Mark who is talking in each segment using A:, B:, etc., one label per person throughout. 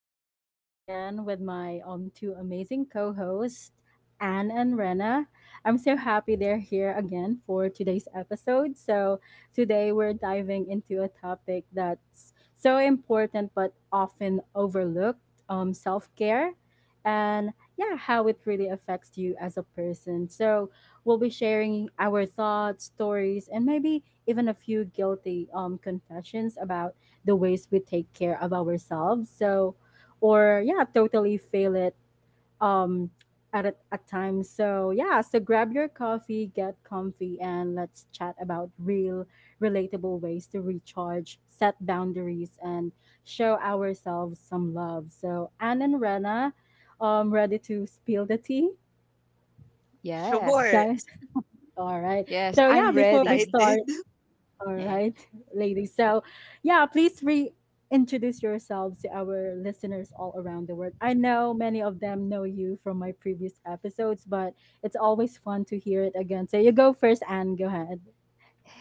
A: We're back at it again with my two amazing co-hosts, Anne and Rena. I'm so happy they're here again for today's episode. So today we're diving into a topic that's so important but often overlooked, self-care, and yeah, how it really affects you as a person. So we'll be sharing our thoughts, stories, and maybe even a few guilty confessions about the ways we take care of ourselves. So, or yeah, totally fail it um, at times. So yeah, so grab your coffee, get comfy, and let's chat about real, relatable ways to recharge, set boundaries, and show ourselves some love. So Anne and Rena, ready to spill the tea,
B: Yes,
C: Sure.
A: guys? All right.
B: yes,
C: We're
A: So yeah,
B: I'm
C: very
A: before we
B: ready.
C: excited.
A: start, all
B: Yeah.
A: right, ladies. So yeah, please reintroduce yourselves to our listeners all around the world. I know many of them know you from my previous episodes, but it's always fun to hear it again. So you go first, Anne. Go ahead.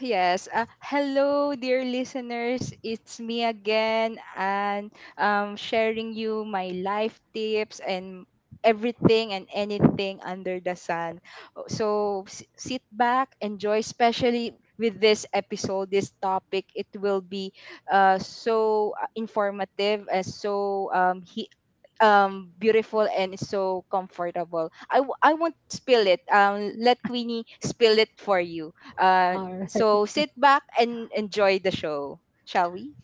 B: Yes. Hello, dear listeners. It's me again, and sharing you my life tips and everything and anything under the sun. Oh, so sit back, enjoy. Especially with this episode, this topic, it will be so informative and so beautiful and so comfortable. I won't spill it. Let Queenie spill it for you. Uh,
A: All right.
B: so sit back and enjoy the show, shall we?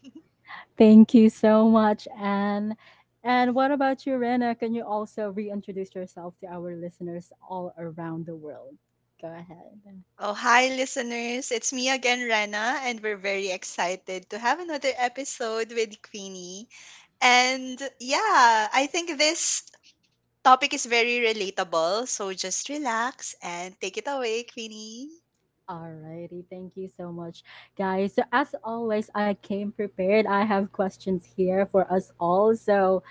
A: Thank you so much, Anne. And what about you, Rena? Can you also reintroduce yourself to our listeners all around the world? Go ahead.
C: Oh, hi, listeners. It's me again, Rena, and we're very excited to have another episode with Queenie. And yeah, I think this topic is very relatable. So just relax and take it away, Queenie.
A: Alrighty, thank you so much, guys. So as always, I came prepared. I have questions here for us all. So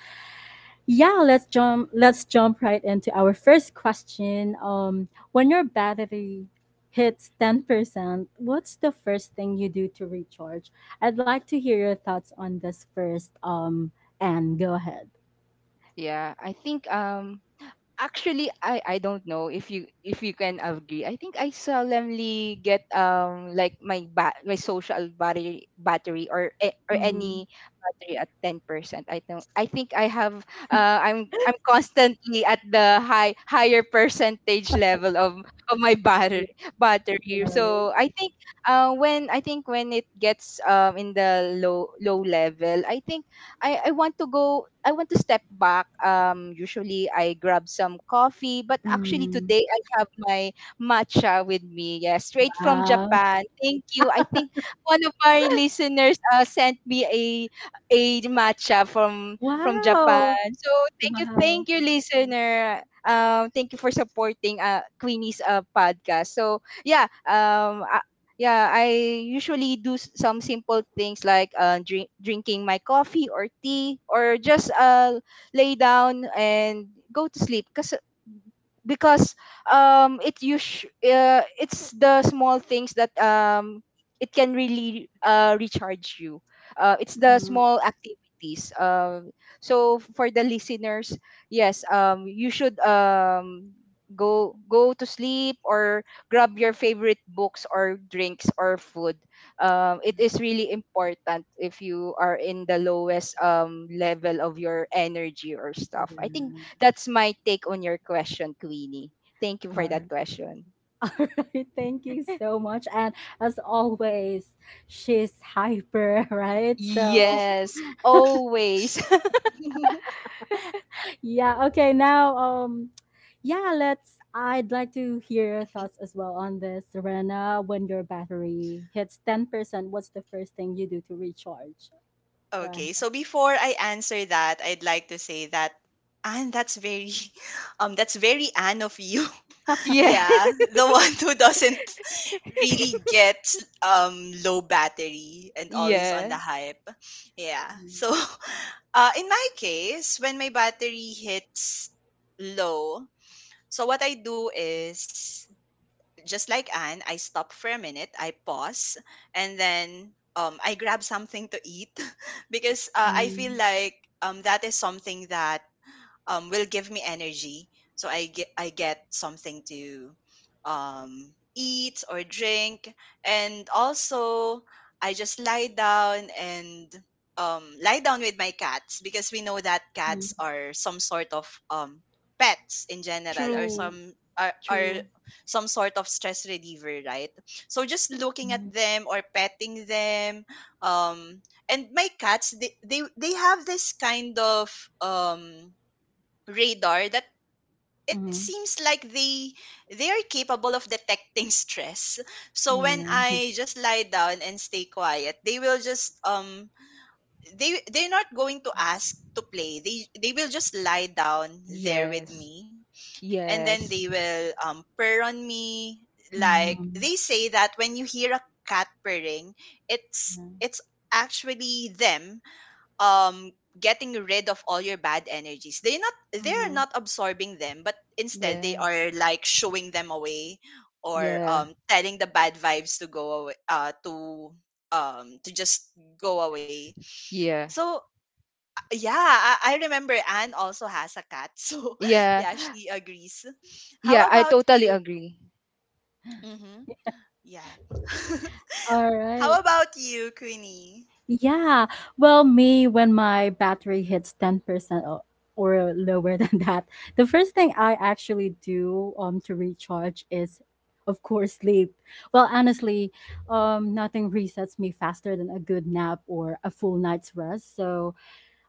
A: yeah, Let's jump right into our first question. When your battery hits 10%, what's the first thing you do to recharge? I'd like to hear your thoughts on this first. And go ahead.
B: Yeah, I think actually I don't know if you can agree. I think I seldomly get like my social battery or
A: Mm,
B: any battery at 10%. I don't I think I have I'm constantly at the higher percentage level of my
A: yeah,
B: battery.
A: right.
B: So I think when it gets in the low level, I think I want to step back. Um, usually I grab some coffee, but actually
A: Mm,
B: today I have my matcha with me. Yeah, straight from
A: wow!
B: Japan. Thank you. I think one of our listeners sent me a matcha from
A: Wow!
B: Japan. So thank
A: Wow!
B: you, listener. Thank you for supporting Queenie's podcast. So yeah, yeah, I usually do some simple things like drinking my coffee or tea or just lay down and go to sleep. Because it's the small things that it can really recharge you. It's the
A: Mhm,
B: small activities, so for the listeners, yes, you should go to sleep or grab your favorite books or drinks or food. Um, it is really important if you are in the lowest level of your energy or stuff. I think
A: yeah.
B: that's my take on your question, Queenie. Thank you for
A: All
B: that
A: right.
B: question.
A: Alright, thank you so much. And as always, she's hyper, right? So,
B: Yes, always.
A: yeah, okay, now yeah, let's I'd like to hear your thoughts as well on this, Serena. When your battery hits 10%, what's the first thing you do to recharge? Go
C: Okay, so before I answer that, I'd like to say that, and that's very that's very Anne of you.
A: ahead.
B: Yeah,
C: Yeah, the one who doesn't really get low battery and always on
B: yeah.
C: the hype. Yeah. So, in my case, when my battery hits low, so what I do is just like Anne, I stop for a minute, I pause, and then I grab something to eat because I feel
A: Mhm.
C: like that is something that will give me energy. So I get something to eat or drink, and also I just lie down with my cats, because we know that
A: Mhm.
C: cats are some sort of pets in general, or
A: Mhm.
C: some
B: True,
C: are
B: true.
C: some sort of stress reliever, right? So just looking at
A: Mhm.
C: them or petting them, um, and my cats, they have this kind of um radar that it
A: Mhm.
C: seems like they are capable of detecting stress. So when
A: Yeah.
C: I just lie down and stay quiet, they will just they they're not going to ask to play. They will just lie down there with
B: Yes,
C: me, and then they
B: yes.
C: will purr on me. Like they
A: Mhm.
C: say that when you hear a cat purring, it's
A: Yeah.
C: it's actually them getting rid of all your bad energies. They're
A: Mhm.
C: not absorbing them, but instead they
B: Yeah,
C: are like shooing them away, or
B: yeah,
C: telling the bad vibes to go away, to just go away.
B: yeah,
C: So yeah, I remember Anne also has a cat, so
B: yeah,
C: yeah, she agrees. How
B: yeah, I
C: about
B: totally
C: you?
B: agree.
C: Mm-hmm. Yeah.
A: All
C: How
A: right.
C: about you, Queenie?
A: Yeah. Well, me, when my battery hits 10%, or lower than that, the first thing I actually do to recharge is of course sleep. Well, honestly, nothing resets me faster than a good nap or a full night's rest. So,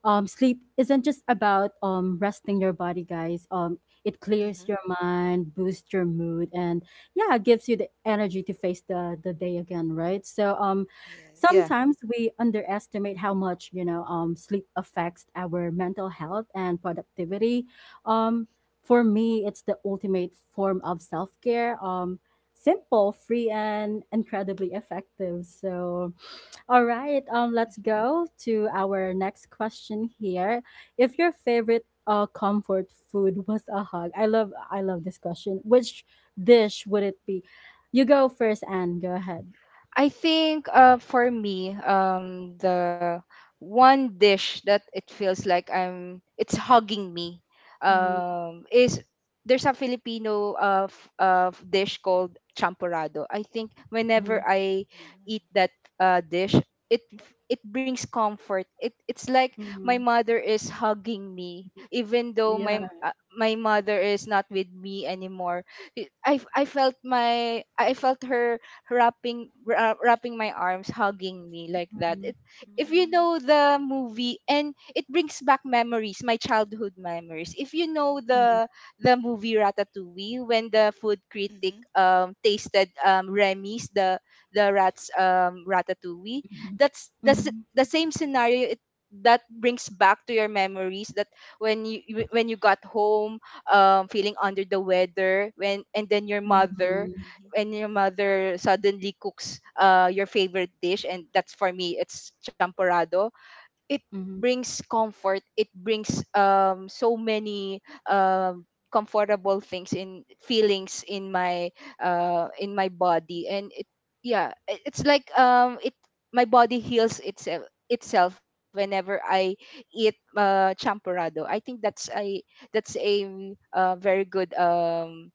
A: sleep isn't just about resting your body, guys. It clears
C: Mm-hmm.
A: your mind, boosts your mood, and yeah, gives you the energy to face the day again, right? So
C: Yes.
B: Yeah.
A: sometimes we underestimate how much sleep affects our mental health and productivity. Um, for me, it's the ultimate form of self care. Simple, free, and incredibly effective. So all right, let's go to our next question here. If your favorite comfort food was a hug, I love this question. Which dish would it be? You go first, Anne. Go ahead.
B: I think for me, the one dish that it feels like I'm it's hugging me,
A: Mm-hmm,
B: is there's a Filipino dish called champorado. I think whenever I eat
C: Mm-hmm.
B: that dish, it it brings comfort. It it's
A: hmm.
B: like my mother is hugging me, even though
A: Yeah.
B: my my mother is not with me anymore. I felt my I felt her wrapping my arms, hugging me like
A: Mhm.
B: that. It, if you
C: Mm-hmm,
B: know the movie, and it brings back memories, my childhood memories. If you know
A: Yeah.
B: the movie Ratatouille, when the food critic
C: mm-hmm.
B: tasted Remy's the rat's Ratatouille,
A: Mm-hmm.
B: that's the
A: Mm-hmm.
B: s- the same scenario. It that brings back to your memories that when you got home feeling under the weather, when and then your
A: Mm-hmm.
B: mother,
C: Mhm,
B: when your mother suddenly cooks your favorite dish. And that's for me, it's champorado. It
A: Mm-hmm,
B: brings comfort. It brings so many, um, comfortable things in feelings in my
C: mhm.
B: body. And it yeah, it's like, it my body heals itself whenever I eat champorado. I think that's a that's a very good, um,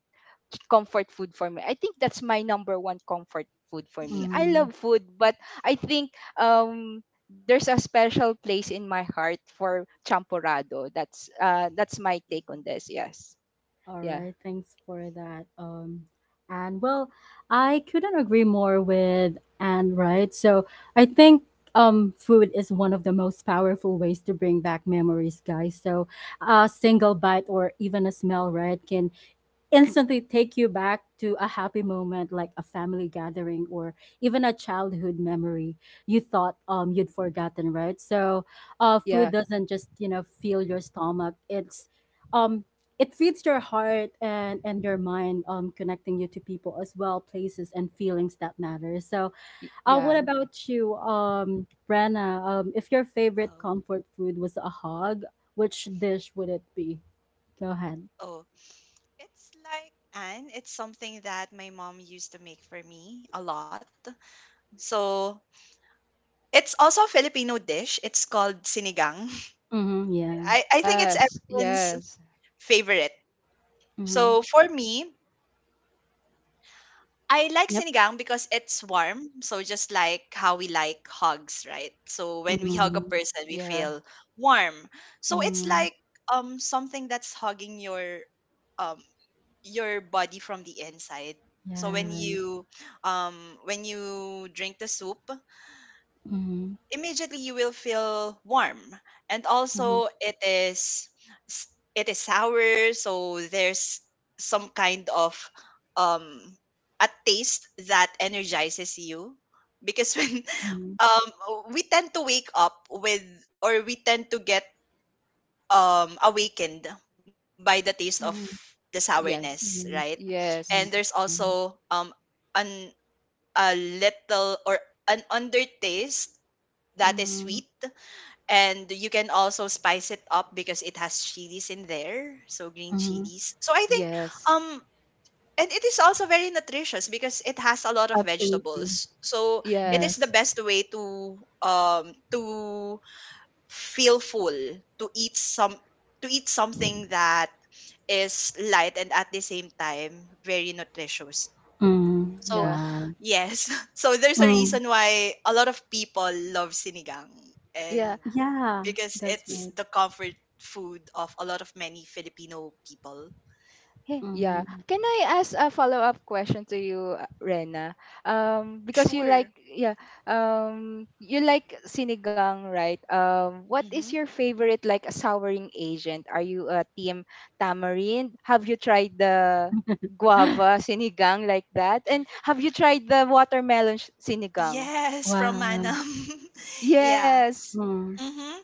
B: comfort food for me. I think that's my number one comfort food for me. I
A: mm-hmm.
B: love food, but I think, um, there's a special place in my heart for champorado. That's my take on
C: Mhm,
B: this. Yes.
A: All
B: Yeah.
A: right, thanks for that. And well, I couldn't agree more with Anne, right? So I think food is one of the most powerful ways to bring back memories, guys. So a single bite or even a smell, right, can instantly take you back to a happy moment like a family gathering or even a childhood memory you thought
C: mhm.
A: you'd forgotten, right? So uh, food
B: Yeah.
A: doesn't just, you know, fill your stomach. It's um, it feeds your heart and your mind, um, connecting you to people as well, places and feelings that matter. So uh, what
B: Yeah.
A: about you, um, Brenna? Um, if your favorite
C: Oh.
A: comfort food was a hog, which dish would it be? Go ahead.
C: Oh, it's like, and it's something that my mom used to make for me a lot. So it's also a Filipino dish. It's called sinigang.
A: Mhm. Yeah.
C: I think it's
B: Yes.
C: everyone's
B: Yes.
C: favorite.
A: Mhm.
C: So for me, I like sinigang
A: Yep.
C: because it's warm. So just like how we like hugs, right? So when we hug a
A: Mm,
C: person, we feel
B: Yeah.
C: warm. So it's like
A: mm,
C: something that's hugging um your body from the inside. So
A: yeah,
C: when
A: right.
C: you um when you drink the soup,
A: Mhm,
C: immediately you will feel warm. And
A: mhm,
C: also it s- is sour, so there's some kind of um a taste that energizes you, because when
A: mhm,
C: um we tend to wake up with, or we tend to get awakened by the taste of
A: mhm,
B: Yeah.
C: the sourness,
B: Yes.
A: yes,
C: right? And there's
B: Yes.
A: ma'am.
C: also an a little or an undertaste that is
A: Mhm,
C: sweet, and you can also spice it up because it has chilies in there, so green
A: mhm,
C: chilies. So I think,
B: Yes.
C: um and it is also very nutritious, because it has a lot of
A: absolutely.
C: vegetables. So
A: Yeah.
C: it is the
B: Yes.
C: best way to feel full, to eat some to eat something that is light and at the same time very nutritious.
A: Mm,
C: So,
B: Yeah.
A: wow.
C: yes. So there's a
A: Mm,
C: reason why a lot of people love sinigang, and
A: yeah,
C: because
A: that's
B: Yeah.
A: right.
C: it's the comfort food of a lot of many Filipino people.
B: Hey, yeah.
A: Mm.
B: Can I ask a follow-up question to you, Rena? Because you
C: Sure.
B: like, yeah, you like sinigang, right? What is
C: Hmm.
B: your favorite, like, a souring agent? Are you a team tamarind? Have you tried the guava sinigang, like that? And have you tried the watermelon sinigang?
C: Yes, from
A: Wow.
C: Manam. Yeah.
B: Yes.
A: Mm,
C: Hmm.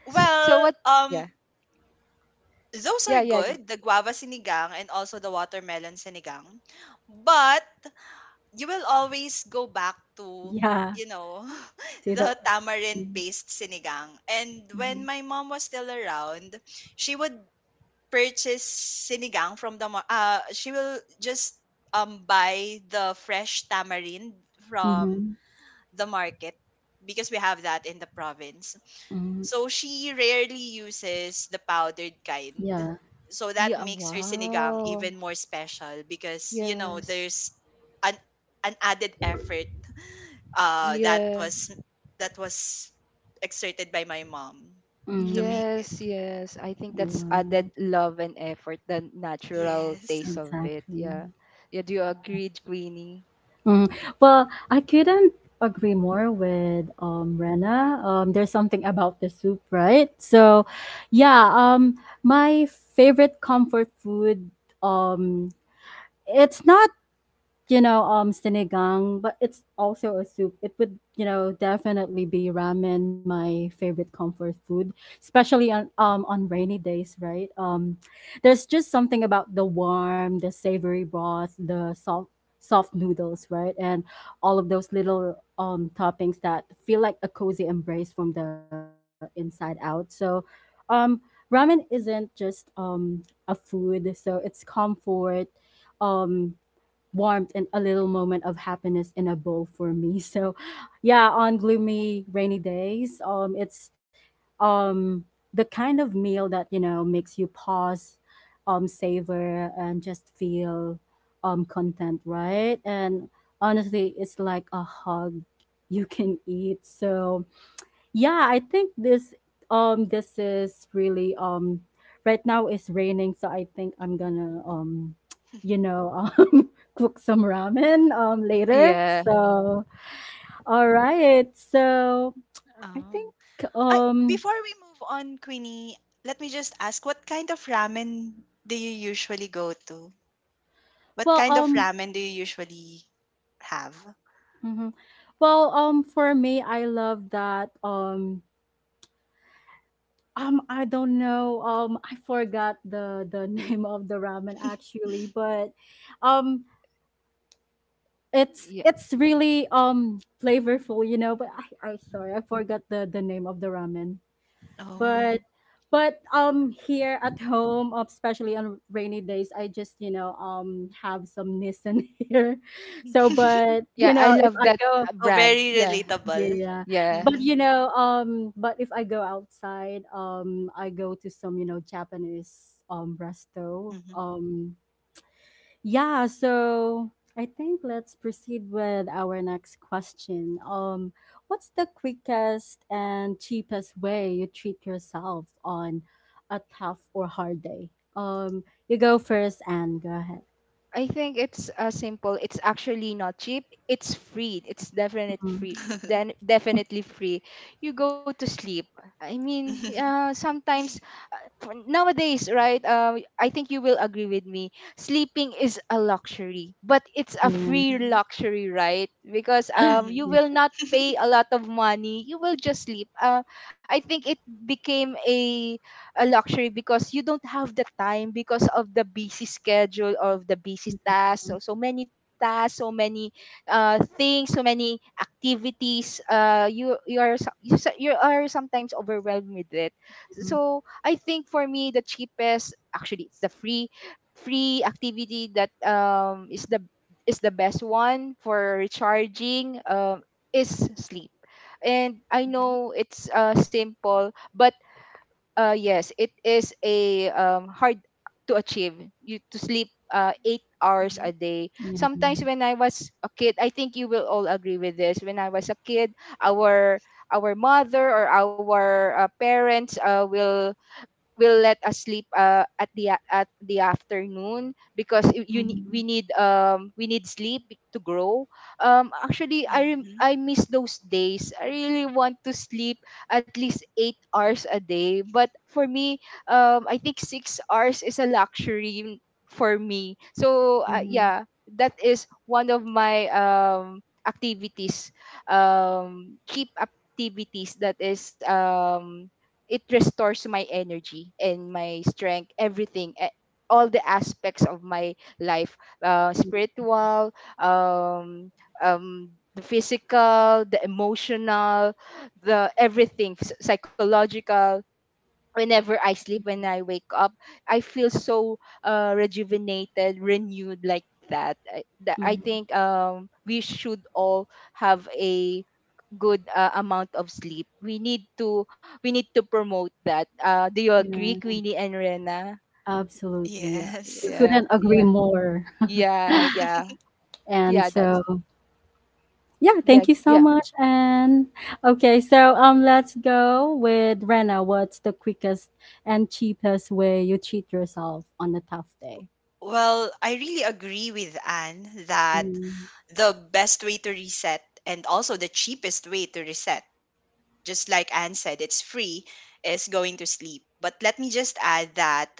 B: So
C: Well,
B: what? Yeah,
C: those
B: yeah,
C: are good, the guava sinigang and also the watermelon sinigang. But you will always go back to,
A: yeah,
C: you know
A: to the
C: the tamarind
A: mm,
C: based sinigang. And
A: mhm,
C: when my mom was still around, she would purchase sinigang she will just buy the fresh tamarind from
A: mhm,
C: the market, because we have that in the province,
A: mhm,
C: so she rarely uses the powdered kind.
A: yeah.
C: So that
B: Yeah.
C: makes her sinigang
B: Wow.
C: even more special, because
B: Yes.
C: there's an an added effort uh that
B: Yeah.
C: was that was exerted by my mom to
A: Mm,
C: make it.
B: Yes, yes. I think that's
A: wow,
B: added love and effort, the natural
C: Yes.
B: taste of it.
A: exactly.
B: Yeah. Yeah, do you agree, Queenie?
A: Mm. Well, I couldn't agree more with Rena. Um, there's something about the soup, right? So, yeah, um, my favorite comfort food, um, it's not, you know, sinigang, but it's also a soup. It would, you know, definitely be ramen, my favorite comfort food, especially on rainy days, right? There's just something about the warm, the savory broth, the soft noodles, right, and all of those little um, toppings that feel like a cozy embrace from the inside out. So, um, ramen isn't just um, a food, so it's comfort, um, warmth and a little moment of happiness in a bowl for me. So, yeah, on gloomy, rainy days, it's um the kind of meal that you know makes you pause, savor, and just feel um, content, right? And honestly, it's like a hug you can eat. So, yeah, I think this is really um, right now it's raining, so I think I'm
C: Mhm.
A: gonna um, you know um, cook some ramen um, later.
B: Yeah.
A: So all right. So I
C: Oh.
A: think
C: I,
A: um,
C: before we move on, Queenie, let me just ask, what kind of ramen do you usually go to? What
A: well
C: kind of
A: um,
C: ramen do you usually have?
A: mhm. Well um, for me I love that um, I don't know, um, I forgot the name of the ramen actually, but um,
B: Yeah.
A: it's really um, flavorful, you know, but I sorry, I forgot the name of the ramen,
C: Oh.
A: but um, here at home, especially on rainy days I just, you know, um, have some Nissan here. So but you
B: Yeah, I
A: know if
B: love
A: I
B: that
A: go,
C: Oh,
B: brand.
C: very
B: Yeah.
A: yeah,
C: relatable.
A: yeah,
B: Yeah.
A: but you
C: Mhm,
A: know um, but if I go outside um, I go to some you know Japanese um, resto
C: mhm.
A: um, yeah. So I think let's proceed with our next question. What's the quickest and cheapest way you treat yourself on a tough or hard day? You go first, and go ahead.
B: I think it's, simple. It's actually not cheap. It's free. It's definite
A: Mhm.
B: free. Then definitely free. You go to sleep. I mean, sometimes nowadays, right? I think you will agree with me. Sleeping is a luxury, but it's a
A: Yeah.
B: free
C: Mhm, mhm.
B: luxury, right? Because, you
C: Mhm,
A: Yeah.
B: will not pay a lot of money. You will just sleep. I think it became a luxury because you don't have the time because of the busy schedule of the busy
A: Mhm.
B: tasks, so so many tasks, so many things, so many activities. You are sometimes overwhelmed with it. So I think for me the cheapest, actually it's the free free activity that, is the best one for recharging, is sleep. And I know it's, simple, but yes, it is a, hard to achieve. You To sleep 8 hours
C: mhm,
B: a day.
A: Yeah.
B: Sometimes when I was a kid, I think you will all agree with this. When I was a kid, our our mother or our parents will let us sleep at the at the afternoon, because
A: Mhm.
B: we need, um, we need sleep to grow. Um, actually, I
C: mhm.
B: I miss those days. I really want to sleep at least 8 hours a day, but for me, um, I think 6 hours is a luxury for me. So,
A: Mhm.
B: yeah, that is one of my, um, activities, um, cheap activities that is, um, it restores my energy and my strength, everything, all the aspects of my life, spiritual, um, the physical, the emotional, the everything, psychological. Whenever I sleep, when I wake up, I feel so, rejuvenated, renewed like that. I
A: Mhm.
B: think, we should all have a good, amount of sleep. We need to promote that. Do you agree,
A: Yeah.
B: Queenie and Rena?
A: Absolutely.
C: Yes.
A: We
B: Yeah,
A: couldn't agree
B: yeah,
A: more.
B: yeah, yeah,
A: And
B: yeah. That's
A: so yeah,
B: yeah,
A: thank you so
B: yeah.
A: much, And okay, so let's go with Rena. What's the quickest and cheapest way you treat yourself on a tough day?
C: Well, I really agree with Anne that
A: Mm,
C: the best way to reset, and also the cheapest way to reset, just like Anne said, it's free, is going to sleep. But let me just add that,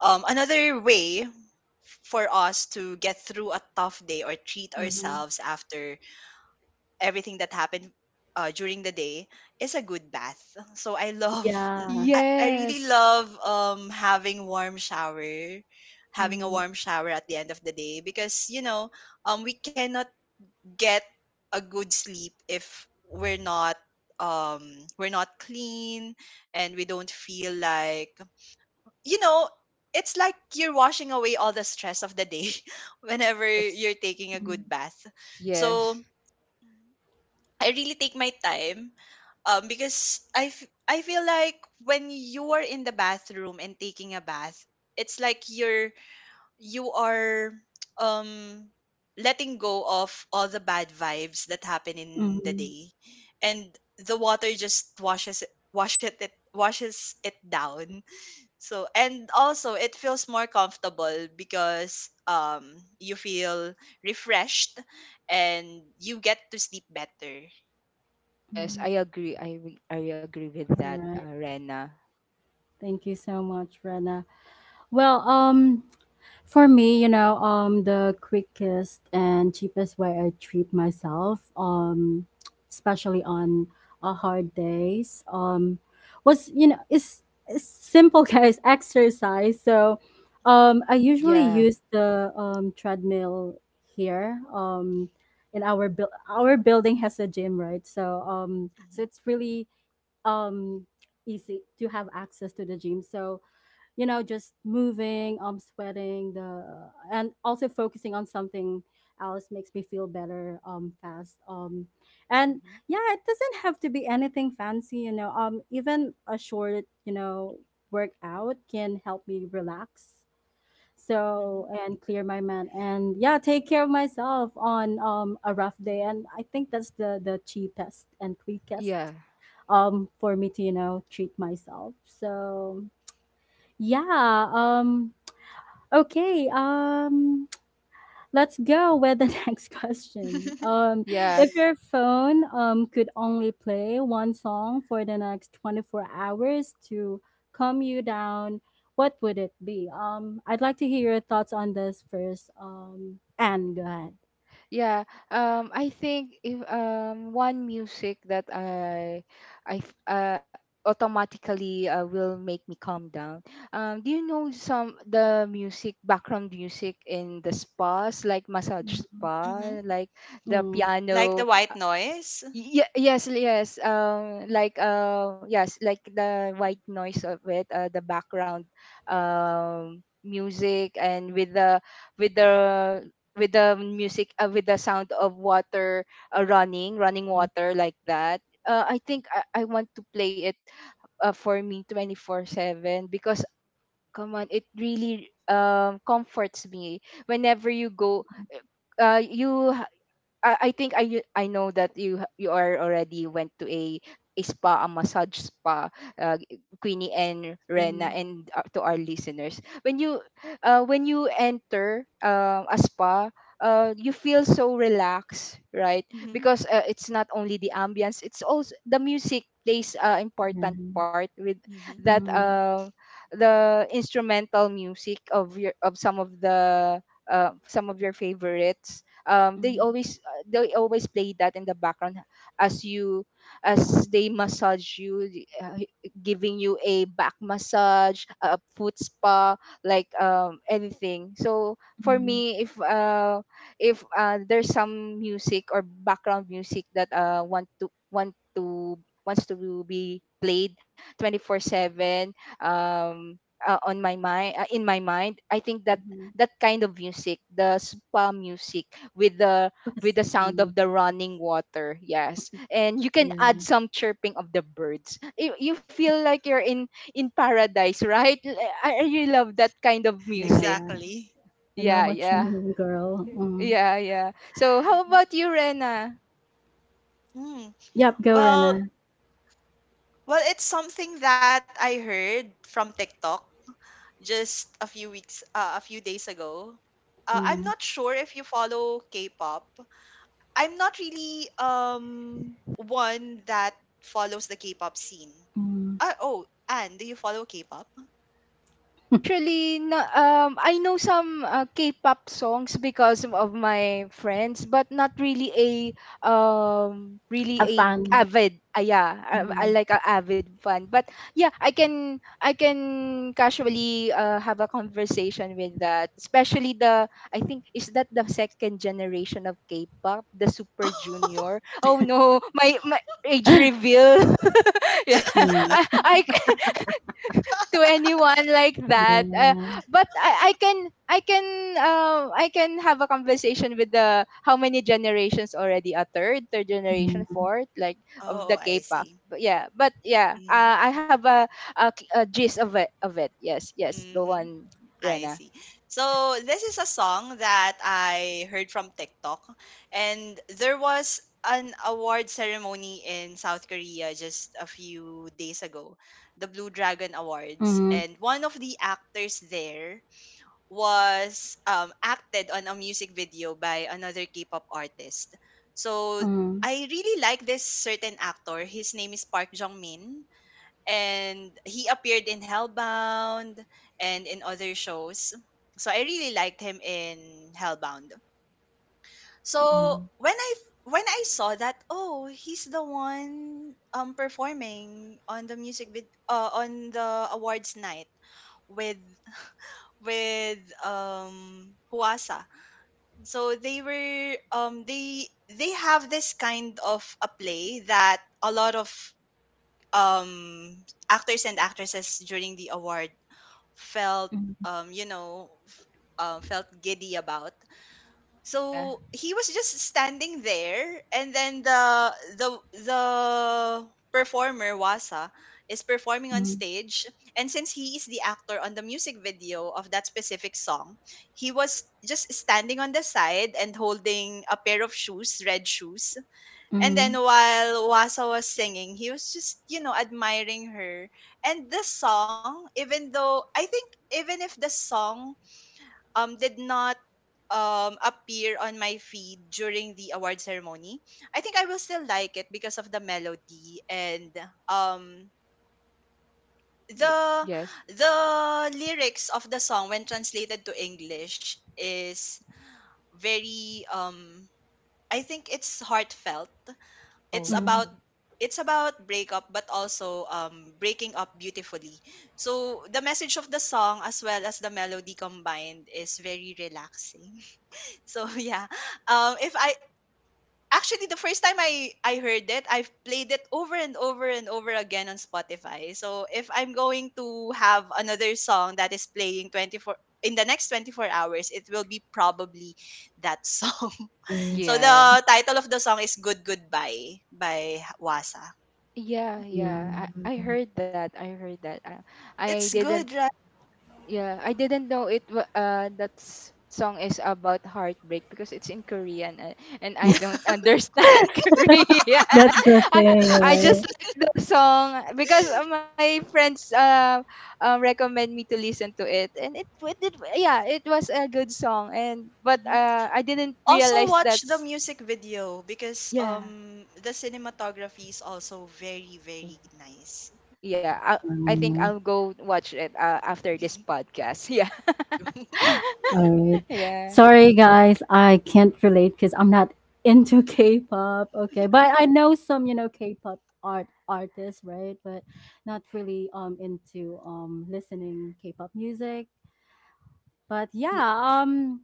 C: another way for us to get through a tough day, or treat
A: mm-hmm.
C: ourselves after everything that happened during the day, is a good bath. So I love,
A: Yeah.
C: I really
B: Yes,
C: love having warm shower, having a
A: Mm,
C: warm shower at the end of the day, because, you know, we cannot get a good sleep if we're not we're not clean, and we don't feel like, you know, it's like you're washing away all the stress of the day whenever
A: mm,
B: yes,
C: you're taking a good bath. So
B: yes,
C: I really take my time, because I feel like, when you are in the bathroom and taking a bath, it's like you're, you are um letting go of all the bad vibes that happen in
A: mm,
C: the day, and the water just washes it down. So, and also it feels more comfortable, because you feel refreshed, and you get to sleep better.
B: yes,
A: mm.
B: I agree. I agree with
A: All
B: that,
A: right.
B: Rena.
A: Thank you so much, Rena. Well, for me, you know, the quickest and cheapest way I treat myself, especially on hard days, is simple, guys. Exercise. So, I usually
B: Yeah,
A: use the treadmill here. In our our building has a gym, right? So, so
C: Mhm,
A: it's really um, easy to have access to the gym. So, you know, just moving um, sweating the and also focusing on something else makes me feel better um, fast um, and
C: mhm,
A: yeah, it doesn't have to be anything fancy, you know, um, even a short you know workout can help me relax. So
C: mhm,
A: and clear my mind and yeah, take care of myself on um, a rough day,
C: mhm.
A: and I think that's the cheapest and quickest
B: yeah.
A: um, for me to you know treat myself. So yeah um, okay, let's go with the next question.
C: Mhm.
B: Yeah,
A: If your phone um, could only play one song for the next 24 hours to calm you down, what would it be? I'd like to hear your thoughts on this first. And go ahead.
B: yeah. I think if, um, one music that I automatically, will make me calm down. Do you know some the music background music in the spas, like massage
A: Mhm.
B: spa, like the
A: Mm,
C: Like the
B: piano?
C: white noise.
B: Yes, yes, um, like, uh, yes, like the white noise of it. Uh, the background, um, music and with the with the with the music, with the sound of water, running
A: mhm,
B: water like that. Uh, I think I want to play it, for me 24/7, because come on, it really, um, comforts me whenever you go. Uh you I, I think I know that you are already went to a spa, a massage spa, uh,
A: mhm,
B: Queenie and Rena, and, to our listeners, when you, when you enter, a spa, you feel so relaxed, right?
C: Mhm,
B: Because, it's not only the ambience, it's also the music plays an
A: yeah.
B: important part with
C: mhm.
B: that.
A: Mhm,
B: The instrumental music of your of some of the, some of your favorites,
A: mhm,
B: they always play that in the background as you as they massage you, uh, giving you a back massage, a foot spa, like, um, anything. So for
A: mhm,
B: me, if there's some music or background music that wants to be played 24/7, um on my mind, in my mind, I think that
A: mhm.
B: that kind of music, the spa music, with the
A: Focus-
B: with the sound
A: mm,
B: of the running water. Yes. And you can
A: yeah.
B: add some chirping of the birds. You feel like you're in paradise, right? I really love that kind of music.
C: Exactly.
A: Yeah. I know
B: Yeah,
A: what you
B: yeah.
A: mean, girl. Mm.
B: Yeah, yeah. So
C: Mhm.
B: how about you, Rena?
C: Mm.
A: Yep, go
C: Well,
A: Rena.
C: it's something that I heard from TikTok just a few weeks, a few days ago. I'm not sure if you follow K-pop. I'm not really one that follows the K-pop scene.
A: Mm.
C: Oh, Anne, do you follow K-pop?
B: Actually, no. Um, I know some, K-pop songs because of my friends, but not really a, really
A: Have
B: a
A: fun.
B: avid. Yeah, I
A: Mm.
B: like a avid fan. But yeah, I
C: Mhm.
B: can I can casually, have a conversation with that. Especially the I think
C: Um,
B: is that the second generation of K-pop, the Super Junior. Oh no, my age reveal. Yeah, I to anyone like
A: Yeah,
B: that.
A: yeah.
B: But I can, I can have a conversation with the how many generations already, a third, third generation,
A: Mhm.
B: fourth, like, of
C: Oh,
B: the
C: I
B: K-pop.
C: see.
B: But yeah,
C: Mm-hmm.
B: I have a gist of it of it. Yes, yes. Go
C: Mm-hmm.
B: on,
C: I
B: Rena.
C: see. So this is a song that I heard from TikTok, and there was an award ceremony in South Korea just a few days ago, the Blue
A: Mhm.
C: Dragon Awards, and one of the actors there was, acted on a music video by another K-pop artist.
A: Mhm.
C: So I really like this certain actor. His name is Park Jong Min, and he appeared in Hellbound and in other shows. So I really liked him in Hellbound. So when I saw that, oh, he's the one performing on the on the awards night with with Huasa. So they were they have this kind of a play that a lot of um actors and actresses during the award felt
A: Mhm. Mhm.
C: you know f- felt giddy about.
B: Yeah.
C: So he was just standing there, and then the the performer Wasa is performing on
A: Mhm.
C: stage. And since he is the actor on the music video of that specific song, he was just standing on the side and holding a pair of shoes, red shoes. And then while Wasa was singing, he was just, you know, admiring her. And the song, even though I think, even if the song did not appear on my feed during the award ceremony, I think I will still like it, because of the melody and um the
B: Yes.
C: the lyrics of the song, when translated to English, is very, I think it's heartfelt. it's
A: Mhm.
C: about
B: Oh.
C: it's about breakup, but also breaking up beautifully. So the message of the song, as well as the melody combined, is very relaxing. So yeah, if I actually, the first time I heard it, I've played it over and over and over again on Spotify. So if I'm going to have another song that is playing 24 in the next 24 hours, it will be probably that song.
A: Mhm.
C: So the
B: Yeah.
C: title of the song is Good Goodbye by Wasa.
B: Yeah,
A: Yeah,
B: yeah. I heard that. I heard that.
C: It's
B: I
C: good,
B: didn't
C: right?
B: Yeah, I didn't know it. That song is about heartbreak because it's in Korean, and
A: yeah.
B: I
C: Yeah.
B: don't
A: Yeah.
B: understand Korean.
A: That's the
B: I,
A: thing,
B: I just
A: right?
B: like the song because my friends recommend me to listen to it, and it did. Yeah, it was a good song, and but
C: Mhm.
B: I didn't
C: Also
B: realize
C: watch the
B: that's
C: music video, because
B: yeah,
C: the cinematography is also very, very nice.
B: yeah. I think
A: Um,
B: I'll go watch it after this podcast.
C: Go.
A: all right.
B: Yeah, yeah.
A: Sorry, guys. I can't relate because I'm not into K-pop. Okay, but I know some, you know, K-pop artists, right? But not really um, into um, listening K-pop music. But yeah, um.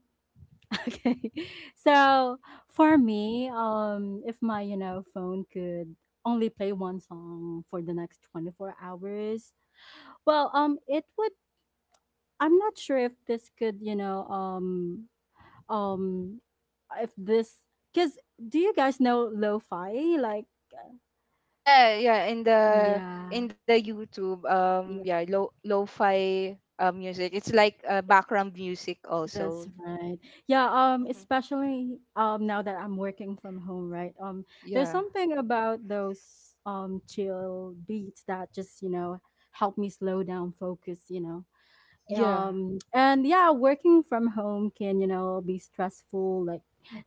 A: Okay. So for me, if my, you know, phone could only play one song for the next 24 hours, well, it would, I'm not sure if this could, you know, um, if this, because do you guys know lo-fi? Like,
B: Yeah, yeah, in
C: Mhm.
B: the
A: yeah,
B: in the YouTube,
A: yeah.
B: yeah, lo lo-fi music. It's like background music
A: That's
B: also.
A: right. Yeah,
C: Mhm.
A: um, especially um, now that I'm working from home, right? Um, there's
B: Yeah,
A: something about those um, chill beats that just, you know, help me slow down, focus, you know
B: yeah,
A: um, and yeah, working from home can you know be stressful, like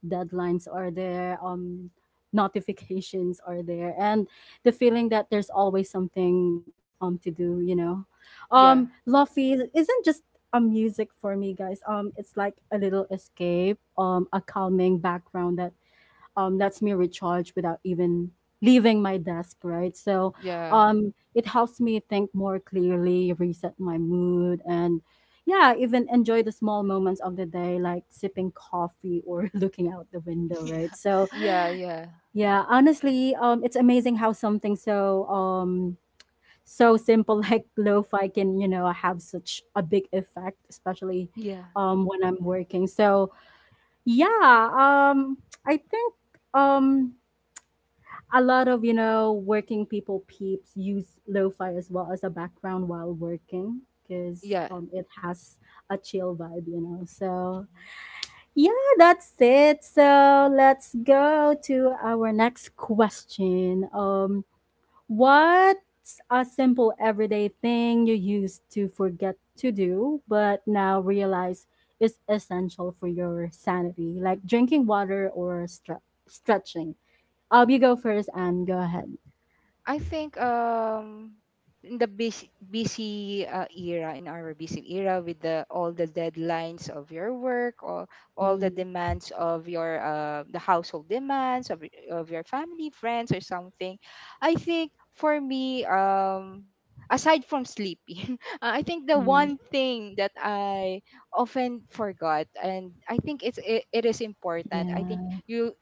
A: deadlines are there um, notifications are there and the feeling that there's always something um, to do, you know, um,
B: yeah,
A: lofi isn't just a music for me, guys, um, it's like a little escape, um, a calming background that lets me recharge without even leaving my desk, right? So
B: yeah,
A: it helps me think more clearly, reset my mood, and yeah, even enjoy the small moments of the day, like sipping coffee or looking out the window,
C: Yeah.
A: right? So
B: yeah, yeah,
A: yeah, honestly, it's amazing how something so so simple like lo-fi can you know have such a big effect, especially
B: yeah,
A: when I'm working. So yeah, I think um a lot of working people peeps use lo-fi as well as a background while working because
B: yeah.
A: it has a chill vibe.
C: Mhm.
A: Yeah, that's it. So let's go to our next question. What's a simple everyday thing you used to forget to do but now realize is essential for your sanity, like drinking water or stretching? You go first and go ahead.
B: I think in the busy busy era in our busy era with the all the deadlines of your work, or all the
A: Mhm,
B: demands of your the household demands of of your family friends or something. I think for me, aside from sleeping, I think the
A: mhm.
B: one
C: Mhm.
B: thing that I often forgot, and I think it is important, I think
A: Yeah.
B: you,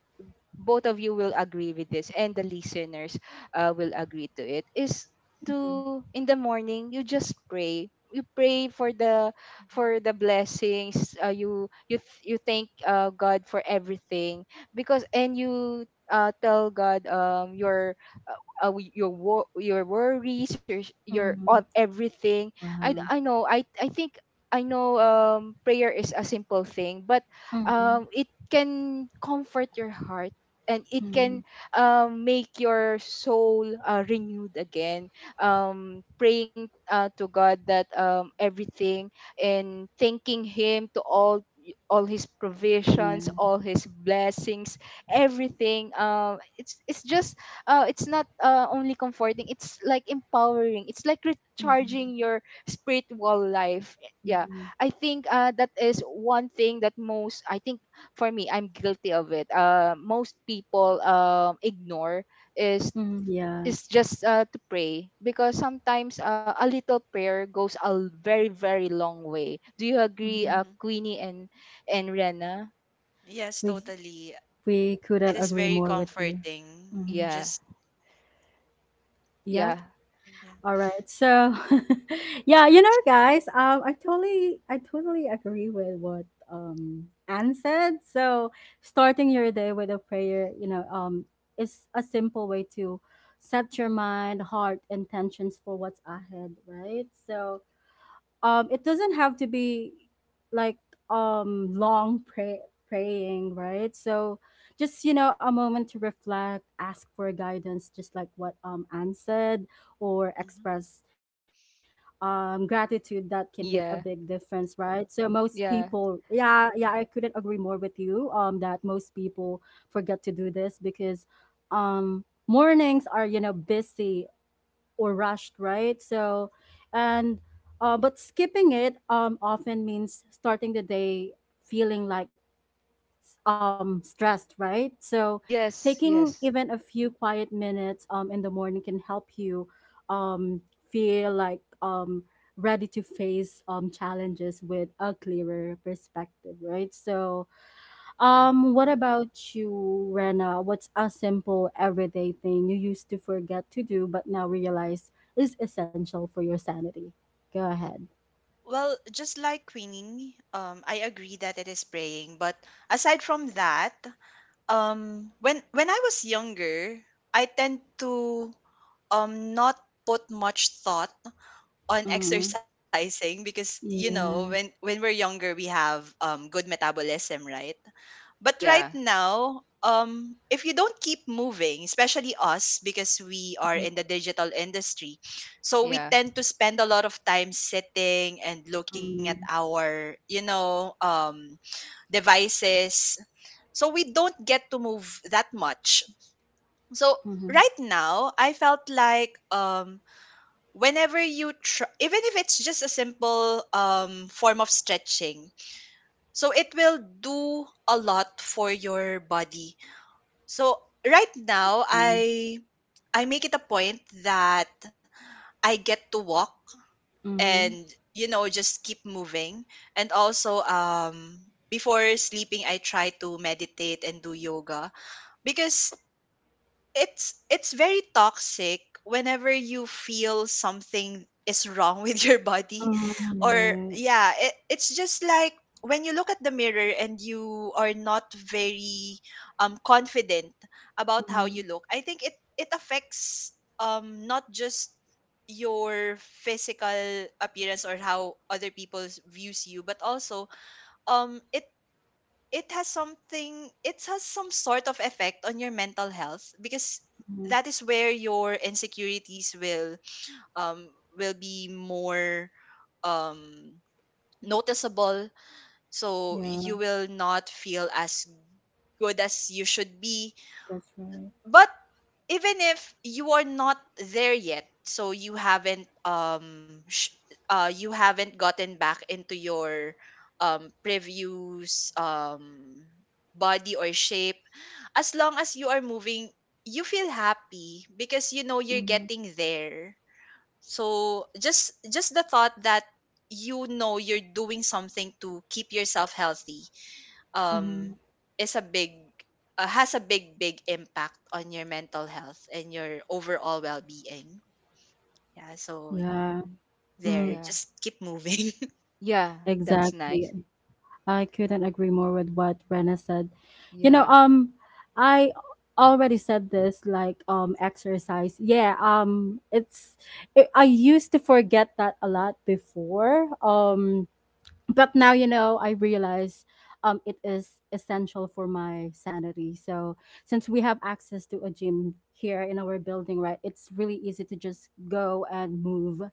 B: both of you, will agree with this, and the listeners will agree to it, is
A: Mhm,
B: to in the morning you just pray. You pray for the
C: Mhm.
B: blessings, you thank god for everything, because, and you tell god your, uh, your worries, your your of
A: mhm.
B: everything. i d-
A: Wow.
B: i know i i think, I know, prayer is a simple thing, but
A: Mhm,
B: it can comfort your heart, and it
C: Mhm.
A: mhm.
B: can make your soul renewed again. Praying to god that, everything, and thanking him to all his provisions,
A: Yeah.
B: all his blessings, everything, it's just, it's not only comforting, it's like empowering, it's like recharging
A: Mhm,
B: your
C: Mhm.
B: spiritual life. Yeah,
A: mhm.
B: I think that is one thing that, most, I think, for me, I'm guilty of it, most people ignore, is
A: Mhm,
C: Mhm.
A: yeah.
B: just to pray, because sometimes a little prayer goes a very, very long way. Do you agree,
A: Mhm.
C: Mhm.
B: queenie and Rena?
C: Yes,
A: We
C: totally.
A: couldn't
C: It is
A: agree
C: very
A: more with you.
C: comforting.
A: Mhm.
B: Yeah,
C: Just
A: Yep.
B: yeah,
C: yeah.
A: All right. So, yeah, you know, guys, I totally agree with what Anne said. So, starting your day with a prayer, is a simple way to set your mind, heart, intentions for what's ahead, right? So, it doesn't have to be like um long pray- praying, right? So just a moment to reflect, ask for guidance, just like what Anne said, or
C: Mhm.
A: express gratitude that can make a big
B: yeah,
A: difference, right? So most people,
B: yeah,
A: yeah, yeah, I couldn't agree more with you, that most people forget to do this because mornings are, busy or rushed, right? So, and but skipping it often means starting the day feeling like stressed, right? So,
B: yes,
A: taking
B: yes,
A: even a few quiet minutes in the morning can help you um, feel like ready to face challenges with a clearer perspective, right? So,
B: yeah,
A: what about you, Rena? What's a simple everyday thing you used to forget to do but now realize is essential for your sanity? Go ahead.
C: Well, just like Queenie, I agree that it is praying. But aside from that, when I was younger, I tend to not put much thought on
A: Mm-hmm.
C: exercising, because you know when
A: Yeah.
C: when we're younger we have good metabolism, right? But right
B: yeah,
C: now, if you don't keep moving, especially us, because we are
A: Mm-hmm.
C: in the digital industry, so we
B: yeah,
C: tend to spend a lot of time sitting and looking at our, you know, devices. So we don't get to move that much. So
A: Mm-hmm.
C: right now, I felt like, whenever you try, even if it's just a simple form of stretching, so it will do a lot for your body. So right now, I make it a point that I get to walk, and,
A: Mm-hmm.
C: you know, just keep moving. And also, before sleeping, I try to meditate and do yoga because it's very toxic whenever you feel something is wrong with your body or
A: Right.
C: yeah it's just like when you look at the mirror and you are not very confident about how you
A: Mm-hmm.
C: look. I think it affects not just your physical appearance or how other people views you, but also um it it has something, it has some sort of effect on your mental health, because that is where your insecurities will be more um noticeable. So you
A: Yeah,
C: will not feel as good as you should be.
A: that's right.
C: But even if you are not there yet, so you haven't you haven't gotten back into your previous body or shape, as long as you are moving, you feel happy because you know you're
A: Mm-hmm.
C: getting there. So just the thought that you know you're doing something to keep yourself healthy
A: Mm-hmm.
C: um is a big has a big impact on your mental health and your overall well-being. Yeah, so
A: Yeah.
C: there,
A: Mm.
B: yeah,
C: just keep moving.
B: yeah, that's
A: Exactly.
B: nice.
A: I couldn't agree more with what Rena said. You know,
B: Yeah,
A: um, I already said this, like, exercise. Yeah, I used to forget that a lot before. But now I realize it is essential for my sanity. So since we have access to a gym here in our building, right, it's really easy to just go and move